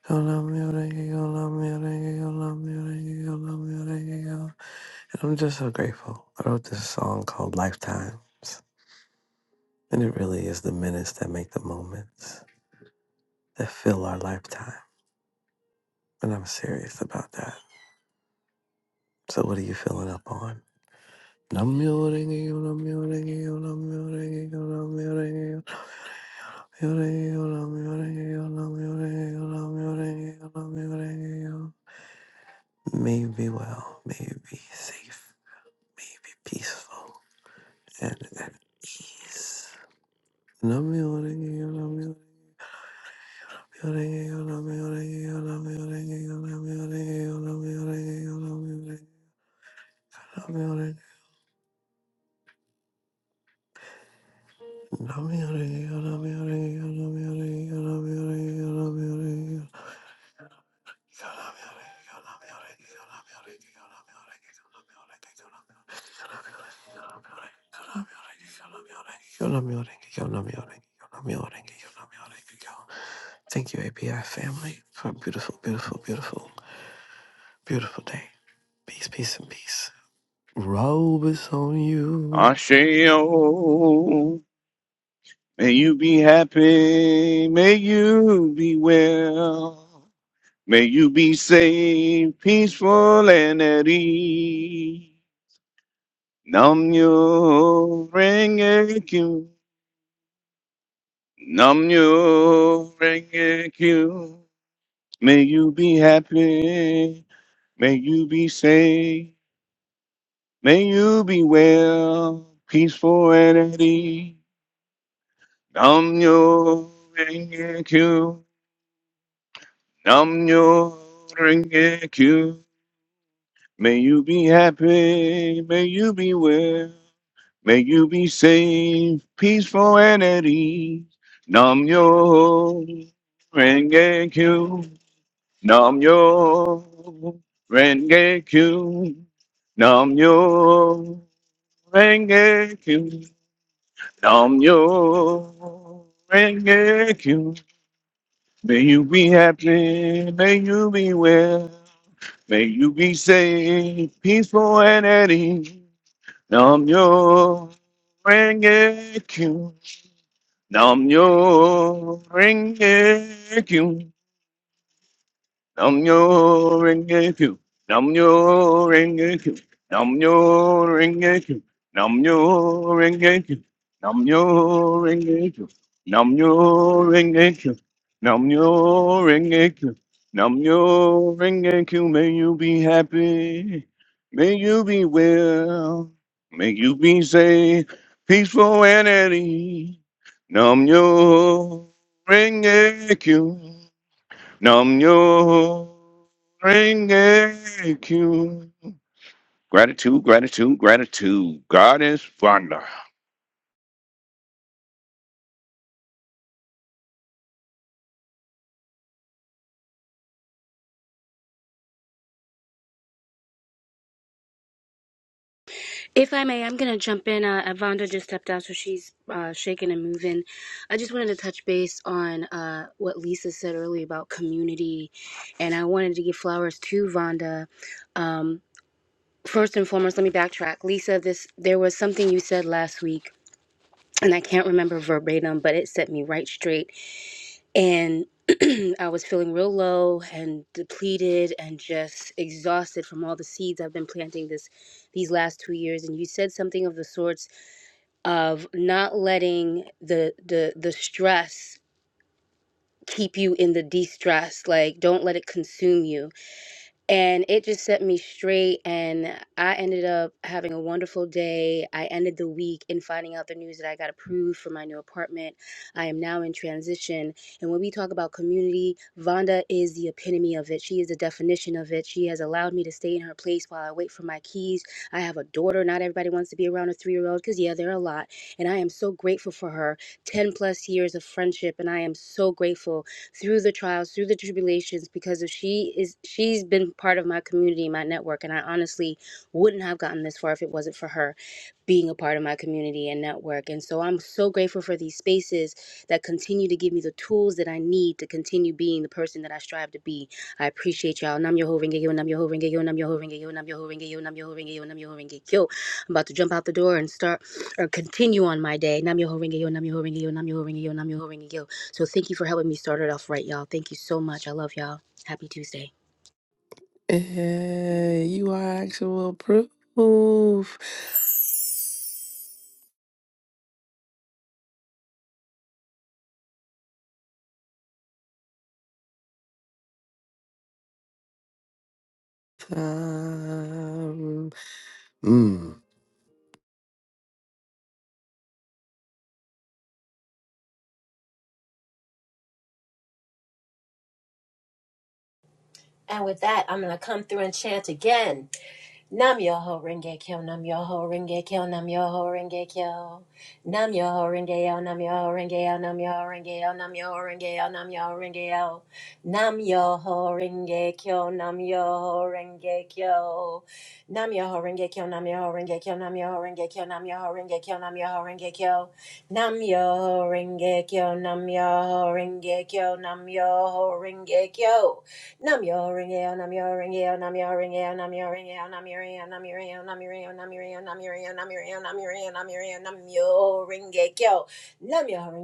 Namyo orangeo, namyo orangeo, namyo orangeo, namyo orangeo. And I'm just so grateful. I wrote this song called Lifetimes. And it really is the minutes that make the moments that fill our lifetime. And I'm serious about that. So what are you filling up on? Namyo orangeo, namyo orangeo, namyo orangeo, namyo orangeo. May be well, may be safe, may be peaceful, and at ease. Thank you, API family, for a beautiful, beautiful, beautiful, beautiful day. Peace, peace, and peace. Robe is on you.
Asheo. May you be happy. May you be well. May you be safe, peaceful, and at ease. Nam yo renge kyu. Nam yo renge kyu. May you be happy. May you be safe. May you be well, peaceful, and at ease. Nam yo renge kyu. Nam yo renge kyu. May you be happy. May you be well. May you be safe, peaceful, and at ease. Nam yo renge kyu. Nam yo renge kyu. Nam yo renge kyu. Nam yo renge kyu. May you be happy, may you be well, may you be safe, peaceful and at ease. Nam yo ring it Nam yo ring Nam yo renge kyu. Nam yo renge kyu. Nam yo renge kyu. Nam yo renge kyu. Nam yo renge kyu. Nam yo renge kyu. Nam yo renge kyu. Nam yo renge kyu. May you be happy. May you be well. May you be safe, peaceful and at ease. Nam yo renge kyu. Nam yo renge kyu. Gratitude, gratitude, gratitude. God is Vonda.
If I may, I'm going to jump in. Uh, Avonda just stepped out, so she's uh, shaking and moving. I just wanted to touch base on uh, what Lisa said earlier about community, and I wanted to give flowers to Vonda. Um, first and foremost, let me backtrack. Lisa, this there was something you said last week, and I can't remember verbatim, but it set me right straight and I was feeling real low and depleted and just exhausted from all the seeds I've been planting this these last two years. And you said something of the sorts of not letting the the the stress keep you in the de-stress. Like don't let it consume you and it just set me straight and i ended up having a wonderful day i ended the week in finding out the news that i got approved for my new apartment i am now in transition and when we talk about community vonda is the epitome of it she is the definition of it she has allowed me to stay in her place while i wait for my keys i have a daughter not everybody wants to be around a three-year-old because yeah they're a lot and i am so grateful for her 10 plus years of friendship and i am so grateful through the trials, through the tribulations, because if she is she's been part of my community, my network, and I honestly wouldn't have gotten this far if it wasn't for her being a part of my community and network. And so I'm so grateful for these spaces that continue to give me the tools that I need to continue being the person that I strive to be. I appreciate y'all. Nam Yoho Renge Kyo, Nam Yoho Renge Kyo, Nam Yoho Renge Kyo, Nam Yoho Renge Kyo, Nam Yoho Renge Kyo, Nam Yoho Renge Kyo, Nam Yoho Renge Kyo. I'm about to jump out the door and start or continue on my day. Nam Yoho Ringe Yo, Nam Yoho Ringe Yo, Nam Yoho Ringe Yo, Nam Yoho Ringe Yo. So thank you for helping me start it off right, y'all. Thank you so much. I love y'all. Happy Tuesday.
Yeah, you are actual proof. Time. Mm.
And with that, I'm going to come through and chant again. Nam Yoho Renge Kyo, Nam Yoho Renge Kyo, Nam Yoho Renge Kyo. Nam Yoho Renge Yo, Nam Yoho Renge Yo, Nam Yoho Renge Yo, Nam Yoho Renge Yo, Nam Yoho Renge Yo. Nam Yoho Renge Kyo, Nam Yoho Renge Kyo. Nam Yoho Renge Kyo, Nam Yoho Renge Kyo, Nam Yoho Renge Kyo, Nam Yoho Renge Kyo, Nam Yoho Renge Kyo. Nam Yoho Renge Kyo, Nam Yoho Renge Kyo, Nam Yoho Renge Kyo. Nam yo ring yo, nam yo ring yo, nam yo ring yo, nam yo ring yo, nam yo ring yo, nam yo ring yo, nam yo ring yo, nam yo ring yo, nam yo ring yo, nam yo ring yo, nam yo ring yo, nam yo ring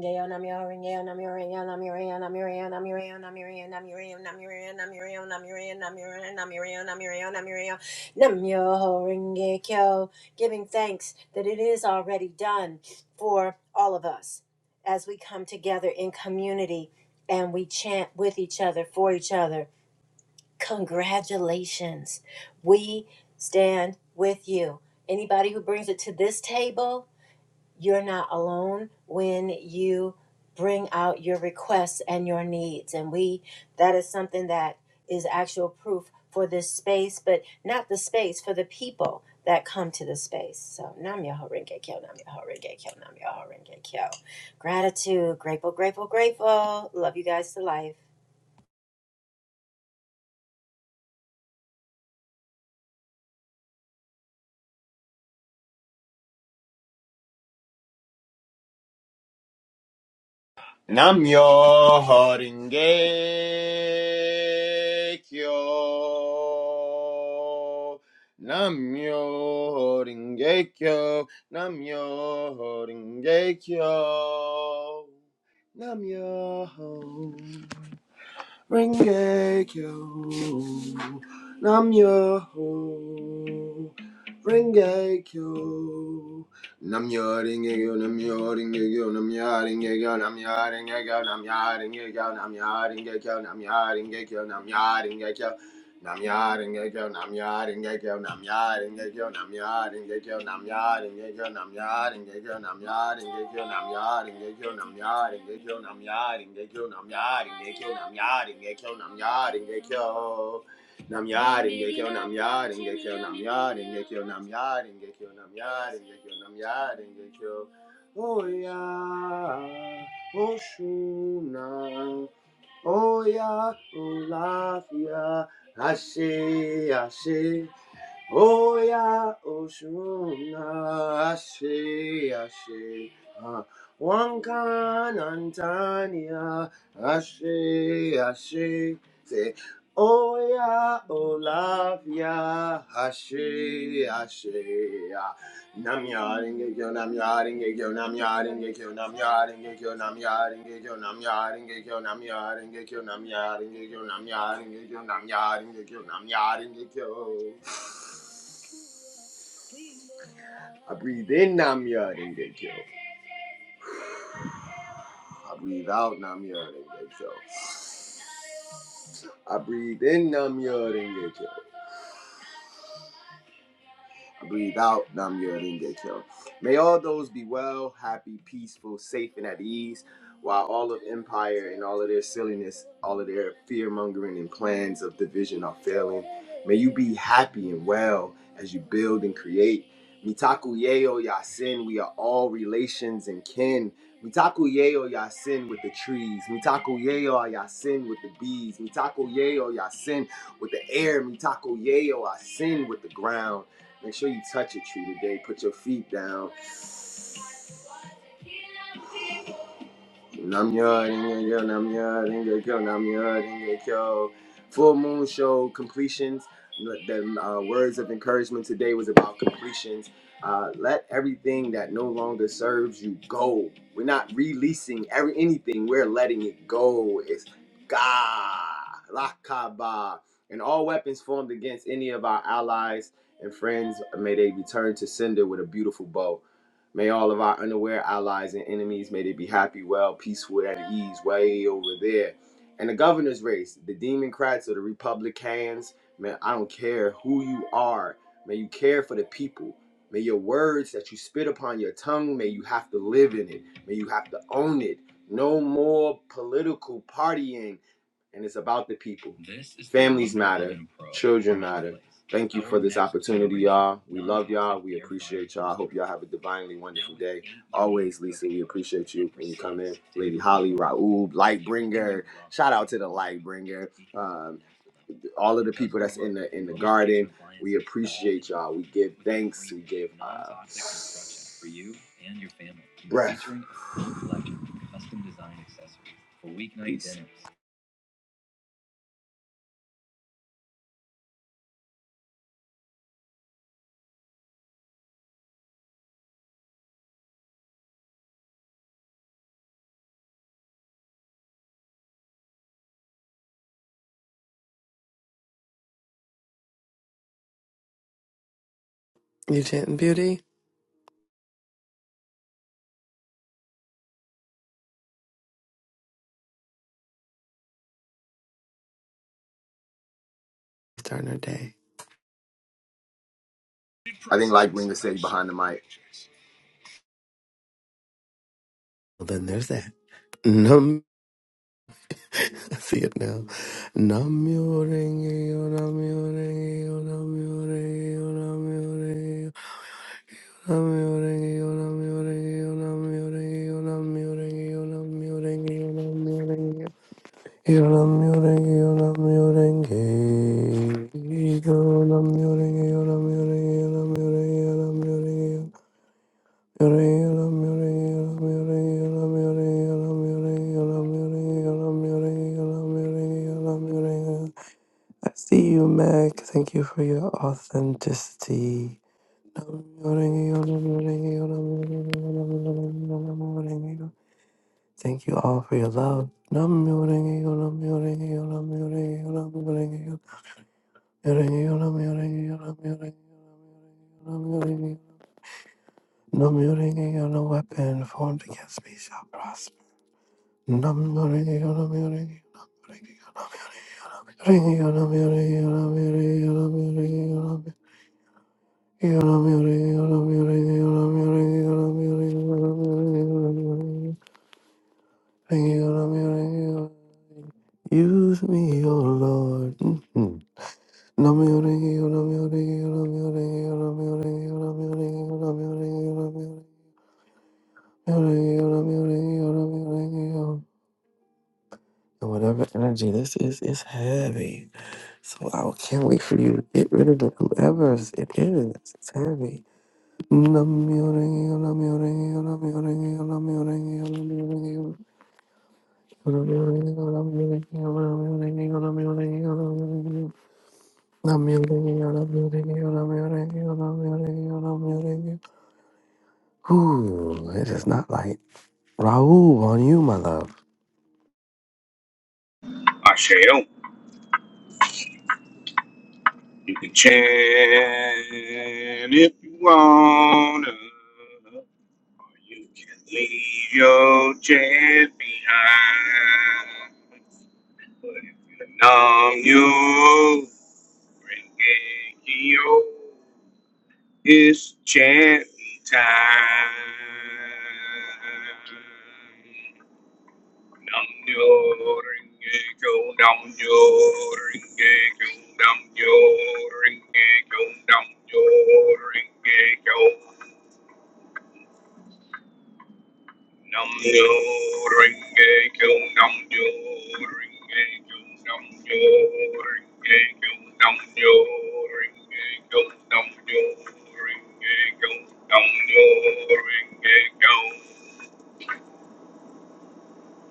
yo, nam yo ring yo, nam yo ring yo, nam yo ring yo, giving thanks that it is already done for all of us as we come together in community and we chant with each other for each other. Congratulations. We stand with you. Anybody who brings it to this table, you're not alone when you bring out your requests and your needs. And we, that is something that is actual proof for this space, but not the space, for the people that come to the space. So, Nam Yoho Renge Kyo, Nam Yoho Renge Kyo, Nam Yoho Renge Kyo. Gratitude, grateful, grateful, grateful. Love you guys to life.
Namyo Horinge Kyo. Namyo Horinge Kyo. Namyo Horinge Kyo. Namyo Ringe Kyo. Namyo Ringe Kyo. Namjöringegyo, namjöringegyo, namjöringegyo, namjöringegyo, namjöringegyo, namjöringegyo, namjöringegyo, namjöringegyo. Namjöringegyo, namjöringegyo, namjöringegyo, namjöringegyo, namjöringegyo, namjöringegyo, namjöringegyo, namjöringegyo, namjöringegyo, namjöringegyo, namjöringegyo, namjöringegyo, namjöringegyo. Nam Yarin Gekyo Nam Yarin Gekyo Nam Yarin Gekyo Nam Yarin Gekyo Nam Yarin Gekyo Nam Yarin Gekyo Oya Oshuna Oya Olafia Ashe Ashe Oya Oshuna Ashe Ashe Ah, Wankan Antania Ashe Ashe Say Oya Olavia Hashe Hashe Namyaringe Kyo Namyaringe Kyo Namyaringe Kyo Namyaringe Kyo Namyaringe Kyo Namyaringe Kyo Namyaringe Kyo Namyaringe Kyo Namyaringe Kyo Namyaringe Kyo Namyaringe Kyo I breathe in Nam Namyaringe Kyo I breathe out Nam Namyaringe Kyo I breathe in Nam Namyaringe Kyo breathe out Nam Yoringe Kyo. May all those be well, happy, peaceful, safe, and at ease, while all of empire and all of their silliness, all of their fear mongering and plans of division are failing. May you be happy and well as you build and create. Mitaku Yeo Yasin, we are all relations and kin. Mitaku Yeo Yasin with the trees. Mitaku Yeo Yasin with the bees. Mitaku Yeo Yasin with the air. Mitaku Yeo Yasin with the ground. Make sure you touch a tree today. Put your feet down. Namya-renge-kyo, Namya-renge-kyo, Namya-renge-kyo. Full moon show completions. The uh, words of encouragement today was about completions. Uh, let everything that no longer serves you go. We're not releasing every anything. We're letting it go. It's God, Lakaba, and all weapons formed against any of our allies and friends may they return to sender with a beautiful bow. May all of our unaware allies and enemies, may they be happy, well, peaceful, at ease, way over there. And the governor's race, the Democrats or the Republicans, man, I don't care who you are. May you care for the people. May your words that you spit upon your tongue, may you have to live in it. May you have to own it. No more political partying and it's about the people. divinely Raoul, a
You chanting beauty? starting our day.
I think like Linda said, he behind the mic.
Well, then there's that. Nam, I see it now. Namyo renge yo, namyo renge yo, namyo renge yo, namyo renge yo, namyo renge yo, namyo renge yo, namyo renge yo, namyo renge yo, namyo renge yo, namyo renge yo. Yo namyo renge yo, namyo renge yo, namyo renge yo, namyo renge yo, namyo renge yo, namyo renge yo. I see you, Mac. Thank you for your authenticity. Thank you all for your love. No weapon formed against me shall prosper. Use me, O Lord. Mhm. And whatever energy this is, is heavy. So I can't wait for you to get rid of it, whoever it is. It's heavy. Ooh, it is not like Raul on you, my love.
I shall. You can chant if you wanna, or you can leave your chant behind. But if you numb you, renge kyo. It's chant time. Nam yo ringe go. nam yo ringe go. nam yo ringe go. nam yo ringe go. nam yo ringe go. nam yo ringe go. nam yo ringe go. nam yo ringe go. nam yo ringe go. nam yo ringe go.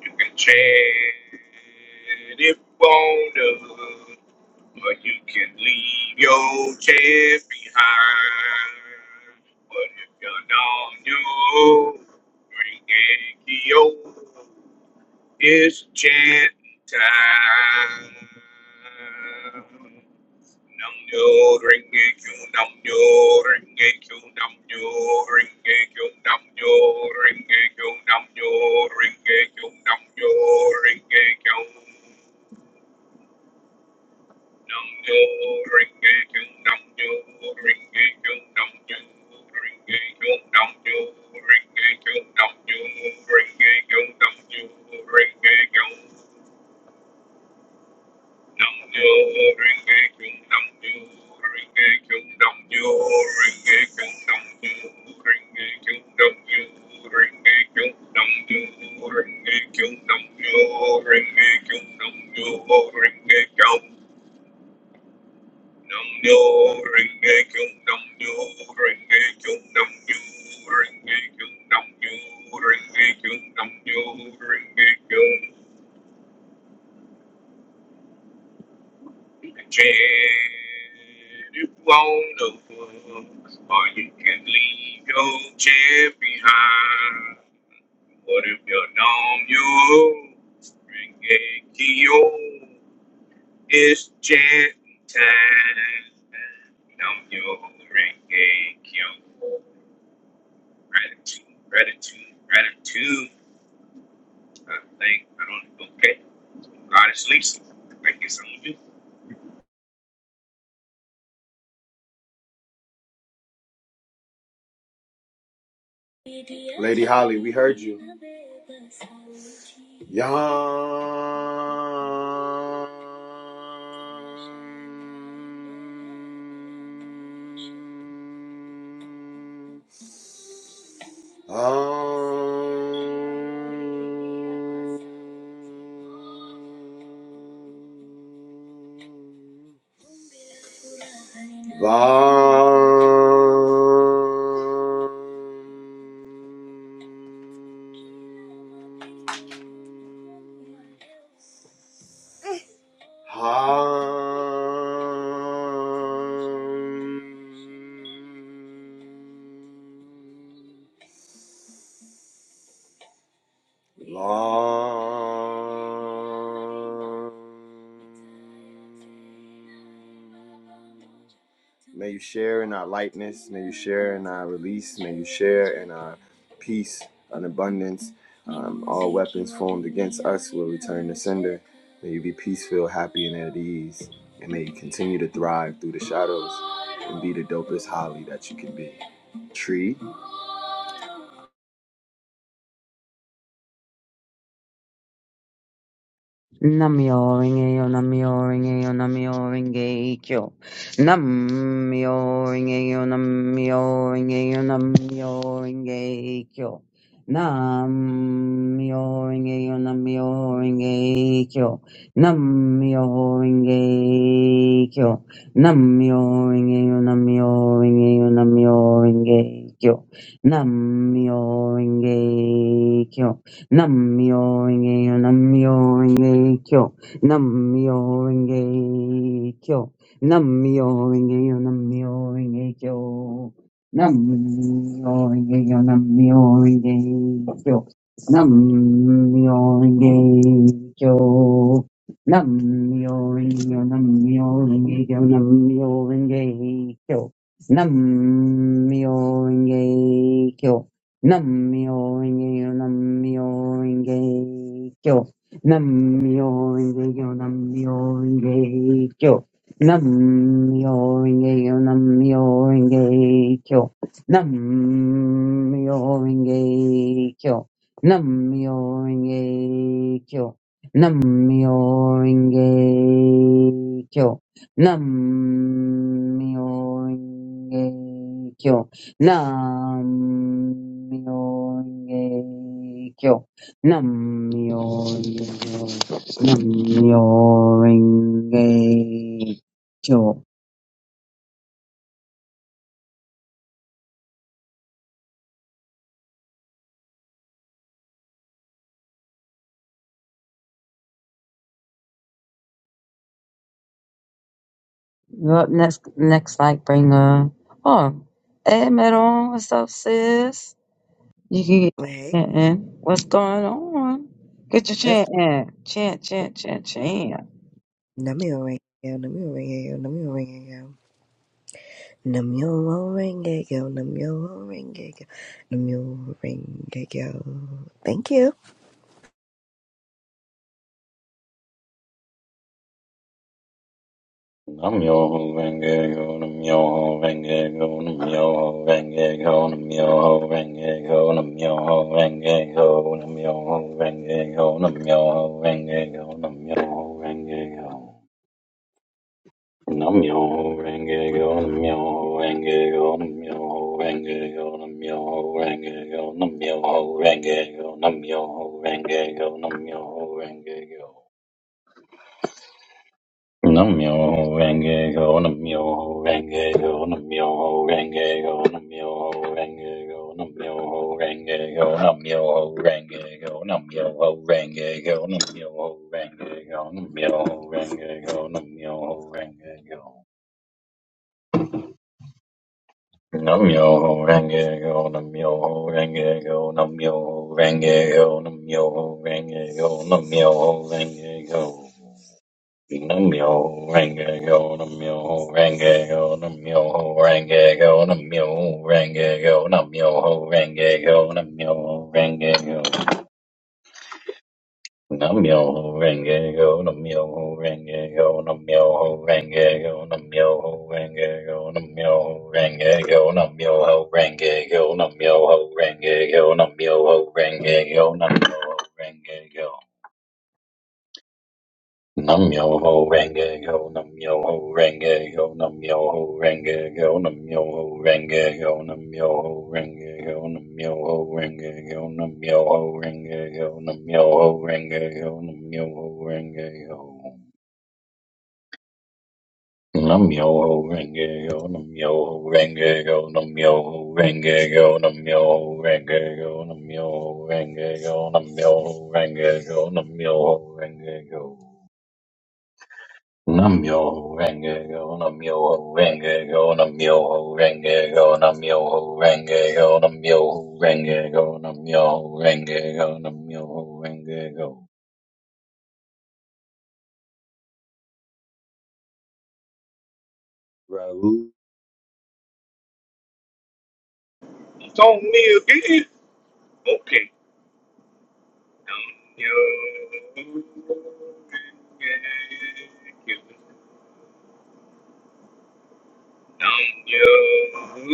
You can chant if wanna, or you can leave your chant behind. But if you're not on your ring and key, it's chant time. Nam nyo ring a q nam nyo ring a q nam nyo ring a q nam nyo ring a q nam nyo ring a q nam nyo ring a q Nam yo ring a jung, nam yo ring a jung, nam yo ring a jung, nam yo ring a jung, nam yo ring a jung, nam yo ring a jung, nam yo ring a jung, nam yo ring a jung, nam yo ring a jung, nam yo ring a jung, nam yo ring a jung, nam yo ring a jung, nam yo ring a jung, nam yo ring a jung. Nam yo ring a kyung, nam yo ring a kyung, nam yo ring a kyung, nam yo ring a kyung, nam yo ring a kyung. Chant if you wanna fuck, or you can leave your chant behind. What if you're numb, you ring a kyo? It's chant time. Nam yo ring a kyung. Gratitude, gratitude, gratitude. I think I don't. Okay, God is Lisa. Thank you so much.
Lady Holly, we heard you. Yum. Um, um, May you share in our lightness. May you share in our release. May you share in our peace and abundance. Um, all weapons formed against us will return to sender. May you be peaceful, happy, and at ease. And may you continue to thrive through the shadows and be the dopest holly that you can be. Tree,
Namioringeyo, namioringeyo, namioringeyo. Namioringeyo, namioringeyo, namioringeyo. Namioringeyo, namioringeyo. Namioringeyo. Namioringeyo, namioringeyo, namioringeyo. Namioringeyo. Nam-myoho-renge-kyo, Nam-myoho-renge-kyo, Nam-myoho-renge-kyo, Nam-myoho-renge-kyo, Nam-myoho-renge-kyo, Nam-myoho-renge-kyo, Nam-myoho-renge-kyo, Nam-myoho-renge-kyo, Nam-myoho-renge-kyo, Nam-myoho-renge-kyo, Nam-myoho-renge-kyo, Nam-myoho-renge-kyo. Nam-myoho-renge-kyo, Nam-myoho-renge-kyo. Nam-myoho-renge-kyo, Nam-myoho-renge-kyo. Nam-myoho-renge-kyo, Nam-myoho-renge-kyo. Nam-myoho-renge-kyo. Nam-myoho-renge-kyo. nam renge kyo nam renge kyo Nam-myoho-renge-kyo. Nam-myoho-renge-kyo. Nam-myoho-renge-kyo. You're up next, next light bringer. oh, hey, Meron, what's up, sis? You can get
Wait,
chanting. What's going on? Get your
that's
chant in. Chant, chant, chant, chant. Yeah,
Namio Rengeko, Namio Rengeko, Namio Rengeko. Namio Rengeko, Namio Rengeko, Namio Rengeko. Thank you.
Nam yo ho renge go, nam yo ho renge go, nam yo ho renge go, nam yo ho renge go, nam yo ho renge go, nam yo ho renge go, nam yo ho renge go, nam yo ho renge go. Namyo renge kyo, namyo renge kyo, namyo renge kyo, namyo renge kyo, namyo renge kyo, namyo renge kyo, namyo renge kyo. Namyo renge kyo, namyo renge kyo, namyo renge kyo, namyo renge kyo, namyo renge kyo, namyo renge kyo, namyo renge kyo, namyo renge kyo, namyo renge kyo, namyo renge kyo. Namyoho Renge Kyo, Namyoho Renge Kyo, Namyoho Renge Kyo, Namyoho Renge Kyo, Namyoho Renge Kyo. Namyoho Renge Kyo, Namyoho Renge Kyo, Namyoho Renge Kyo, Namyoho Renge Kyo, Namyoho Renge Kyo, Namyoho Renge Kyo. Nam-myoho-renge-kyo, Nam-myoho-renge-kyo, Nam-myoho-renge-kyo, Nam-myoho-renge-kyo, Nam-myoho-renge-kyo, Nam-myoho-renge-kyo, Nam-myoho-renge-kyo, Nam-myoho-renge-kyo, Nam-myoho-renge-kyo. Num yo ho renge yo num yo ho renge yo num yo ho renge yo num yo ho renge yo num yo ho renge yo num yo ho renge yo num yo ho renge yo num yo ho renge yo num yo ho renge yo num yo ho renge yo num yo ho renge yo num yo ho renge yo num yo ho renge yo num yo ho renge yo num yo ho renge yo num yo ho renge yo Namyo renge go, namyo renge go, namyo renge go, namyo renge go, namyo renge go, namyo renge go, namyo renge go. Raoul.
It's on me again. Okay. Don't you forget it. Don't you forget it. Don't you forget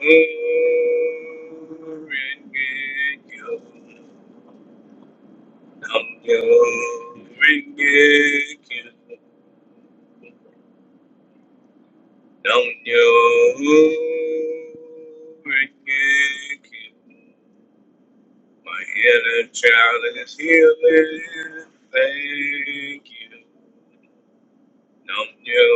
it. Don't you forget it. Namyo My inner child is healing. Thank you. Namyo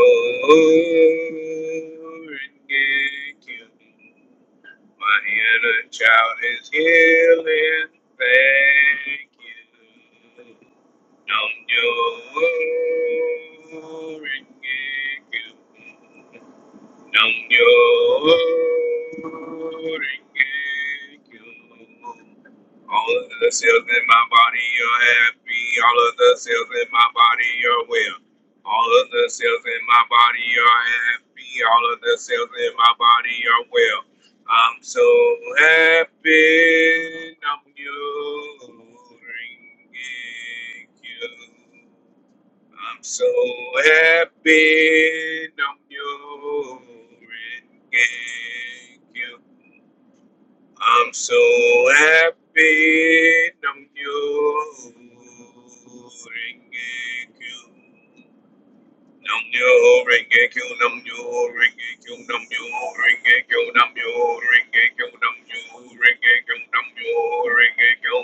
My inner child is healing. Thank you. Namyo Namyo Renge-kyo. All of the cells in my body are happy. All of the cells in my body are well. All of the cells in my body are happy. All of the cells in my body are well. I'm so happy. Namyo Renge-kyo. So happy I'm your you. I'm so happy I'm your you. Nam yo renge kyo nam yo renge kyo nam yo renge kyo nam yo renge kyo nam yo renge kyo nam yo renge kyo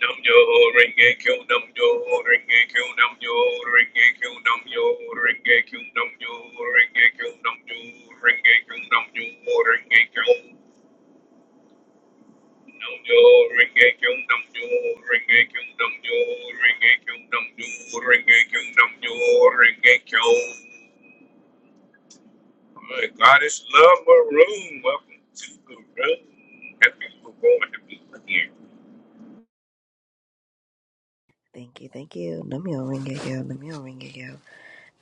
Nam yo ring a q nam yo ring a q nam yo ring a q nam yo ring a q nam yo ring a q nam yo ring a q nam yo ring a q nam yo ring a q nam yo ring a q nam yo ring a q nam yo ring a q nam yo ring a q My goddess love maroon welcome to the room happy people born to be here
Thank you, thank you. Namio Rengeko, Namio Rengeko,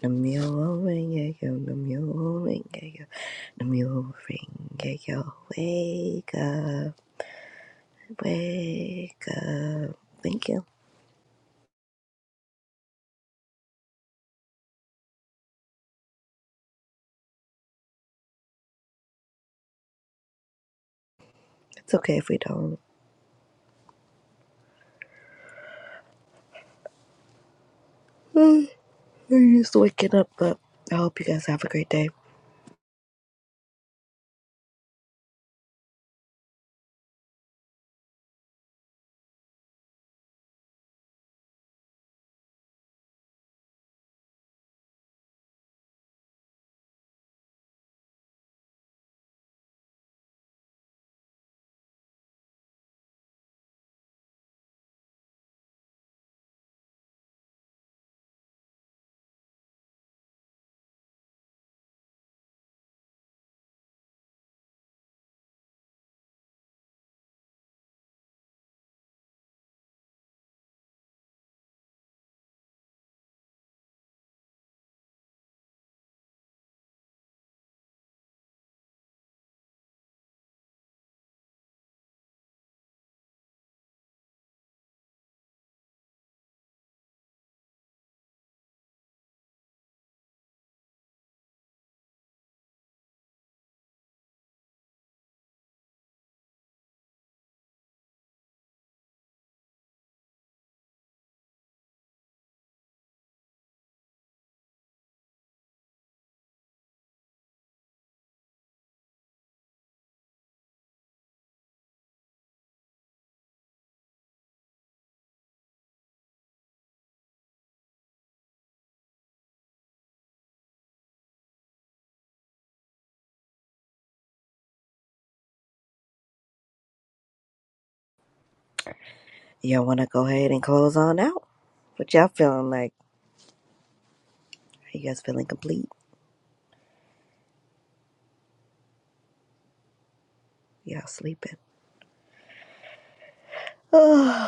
Namio Rengeko, Namio Rengeko, Namio Rengeko. Wake up, wake up. Thank you. It's okay if we don't. We're just waking up, but I hope you guys have a great day. Y'all want to go ahead and close on out? What y'all feeling like? Are you guys feeling complete? Y'all sleeping?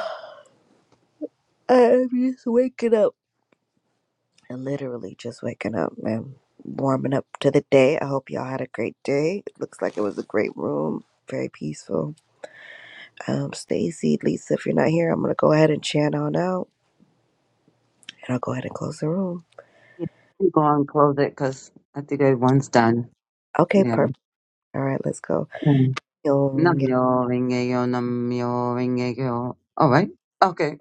Oh, I'm just waking up. I'm literally just waking up, man. Warming up to the day. I hope y'all had a great day. It looks like it was a great room. Very peaceful. Um, Stacy, Lisa, if you're not here, I'm gonna go ahead and chant on out. And I'll go ahead and close the room.
I'm going to close it because I think everyone's done.
Okay,
Yeah.
perfect. All right, let's go. You'll ring it
Namyo Renge-kyo, Namyo Renge-kyo. All right. Okay.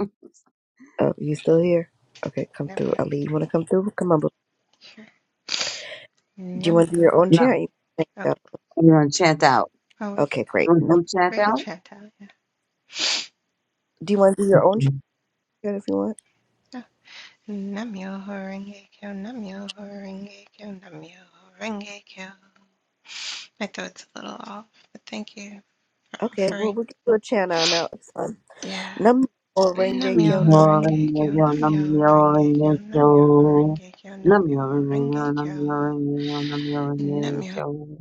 up. You still here? Okay, come through.
Namyo
Ali, you wanna come through? Come on, boo. Do you wanna do
Namyo
your own
Now,
Horenge
chant? You
Oh
can
everyone chant out.
oh we
Okay,
could
great.
Will
Nope.
you chant
we could
out?
chant out, yeah.
Do you want to do your own chant
Okay.
if you want?
Oh. Namyo Horenge Kyo Namyo Horenge Kyo Namyo Horenge Kyo. My throat's a little off, but thank you for
Okay, well,
offering.
we can do a chant out now. It's fun.
Yeah.
Nam mô Renge
Namyo
Kyo,
Namyo
Horenge Kyo
Renge-kyo,
Namyo
Namyo
Horenge Kyo
Renge-kyo.
Namyo Horenge Kyo
Namyo
Namyo
Renge-kyo,
Horenge Kyo
Namyo Renge-kyo, Namyo
Namyo
Renge-kyo.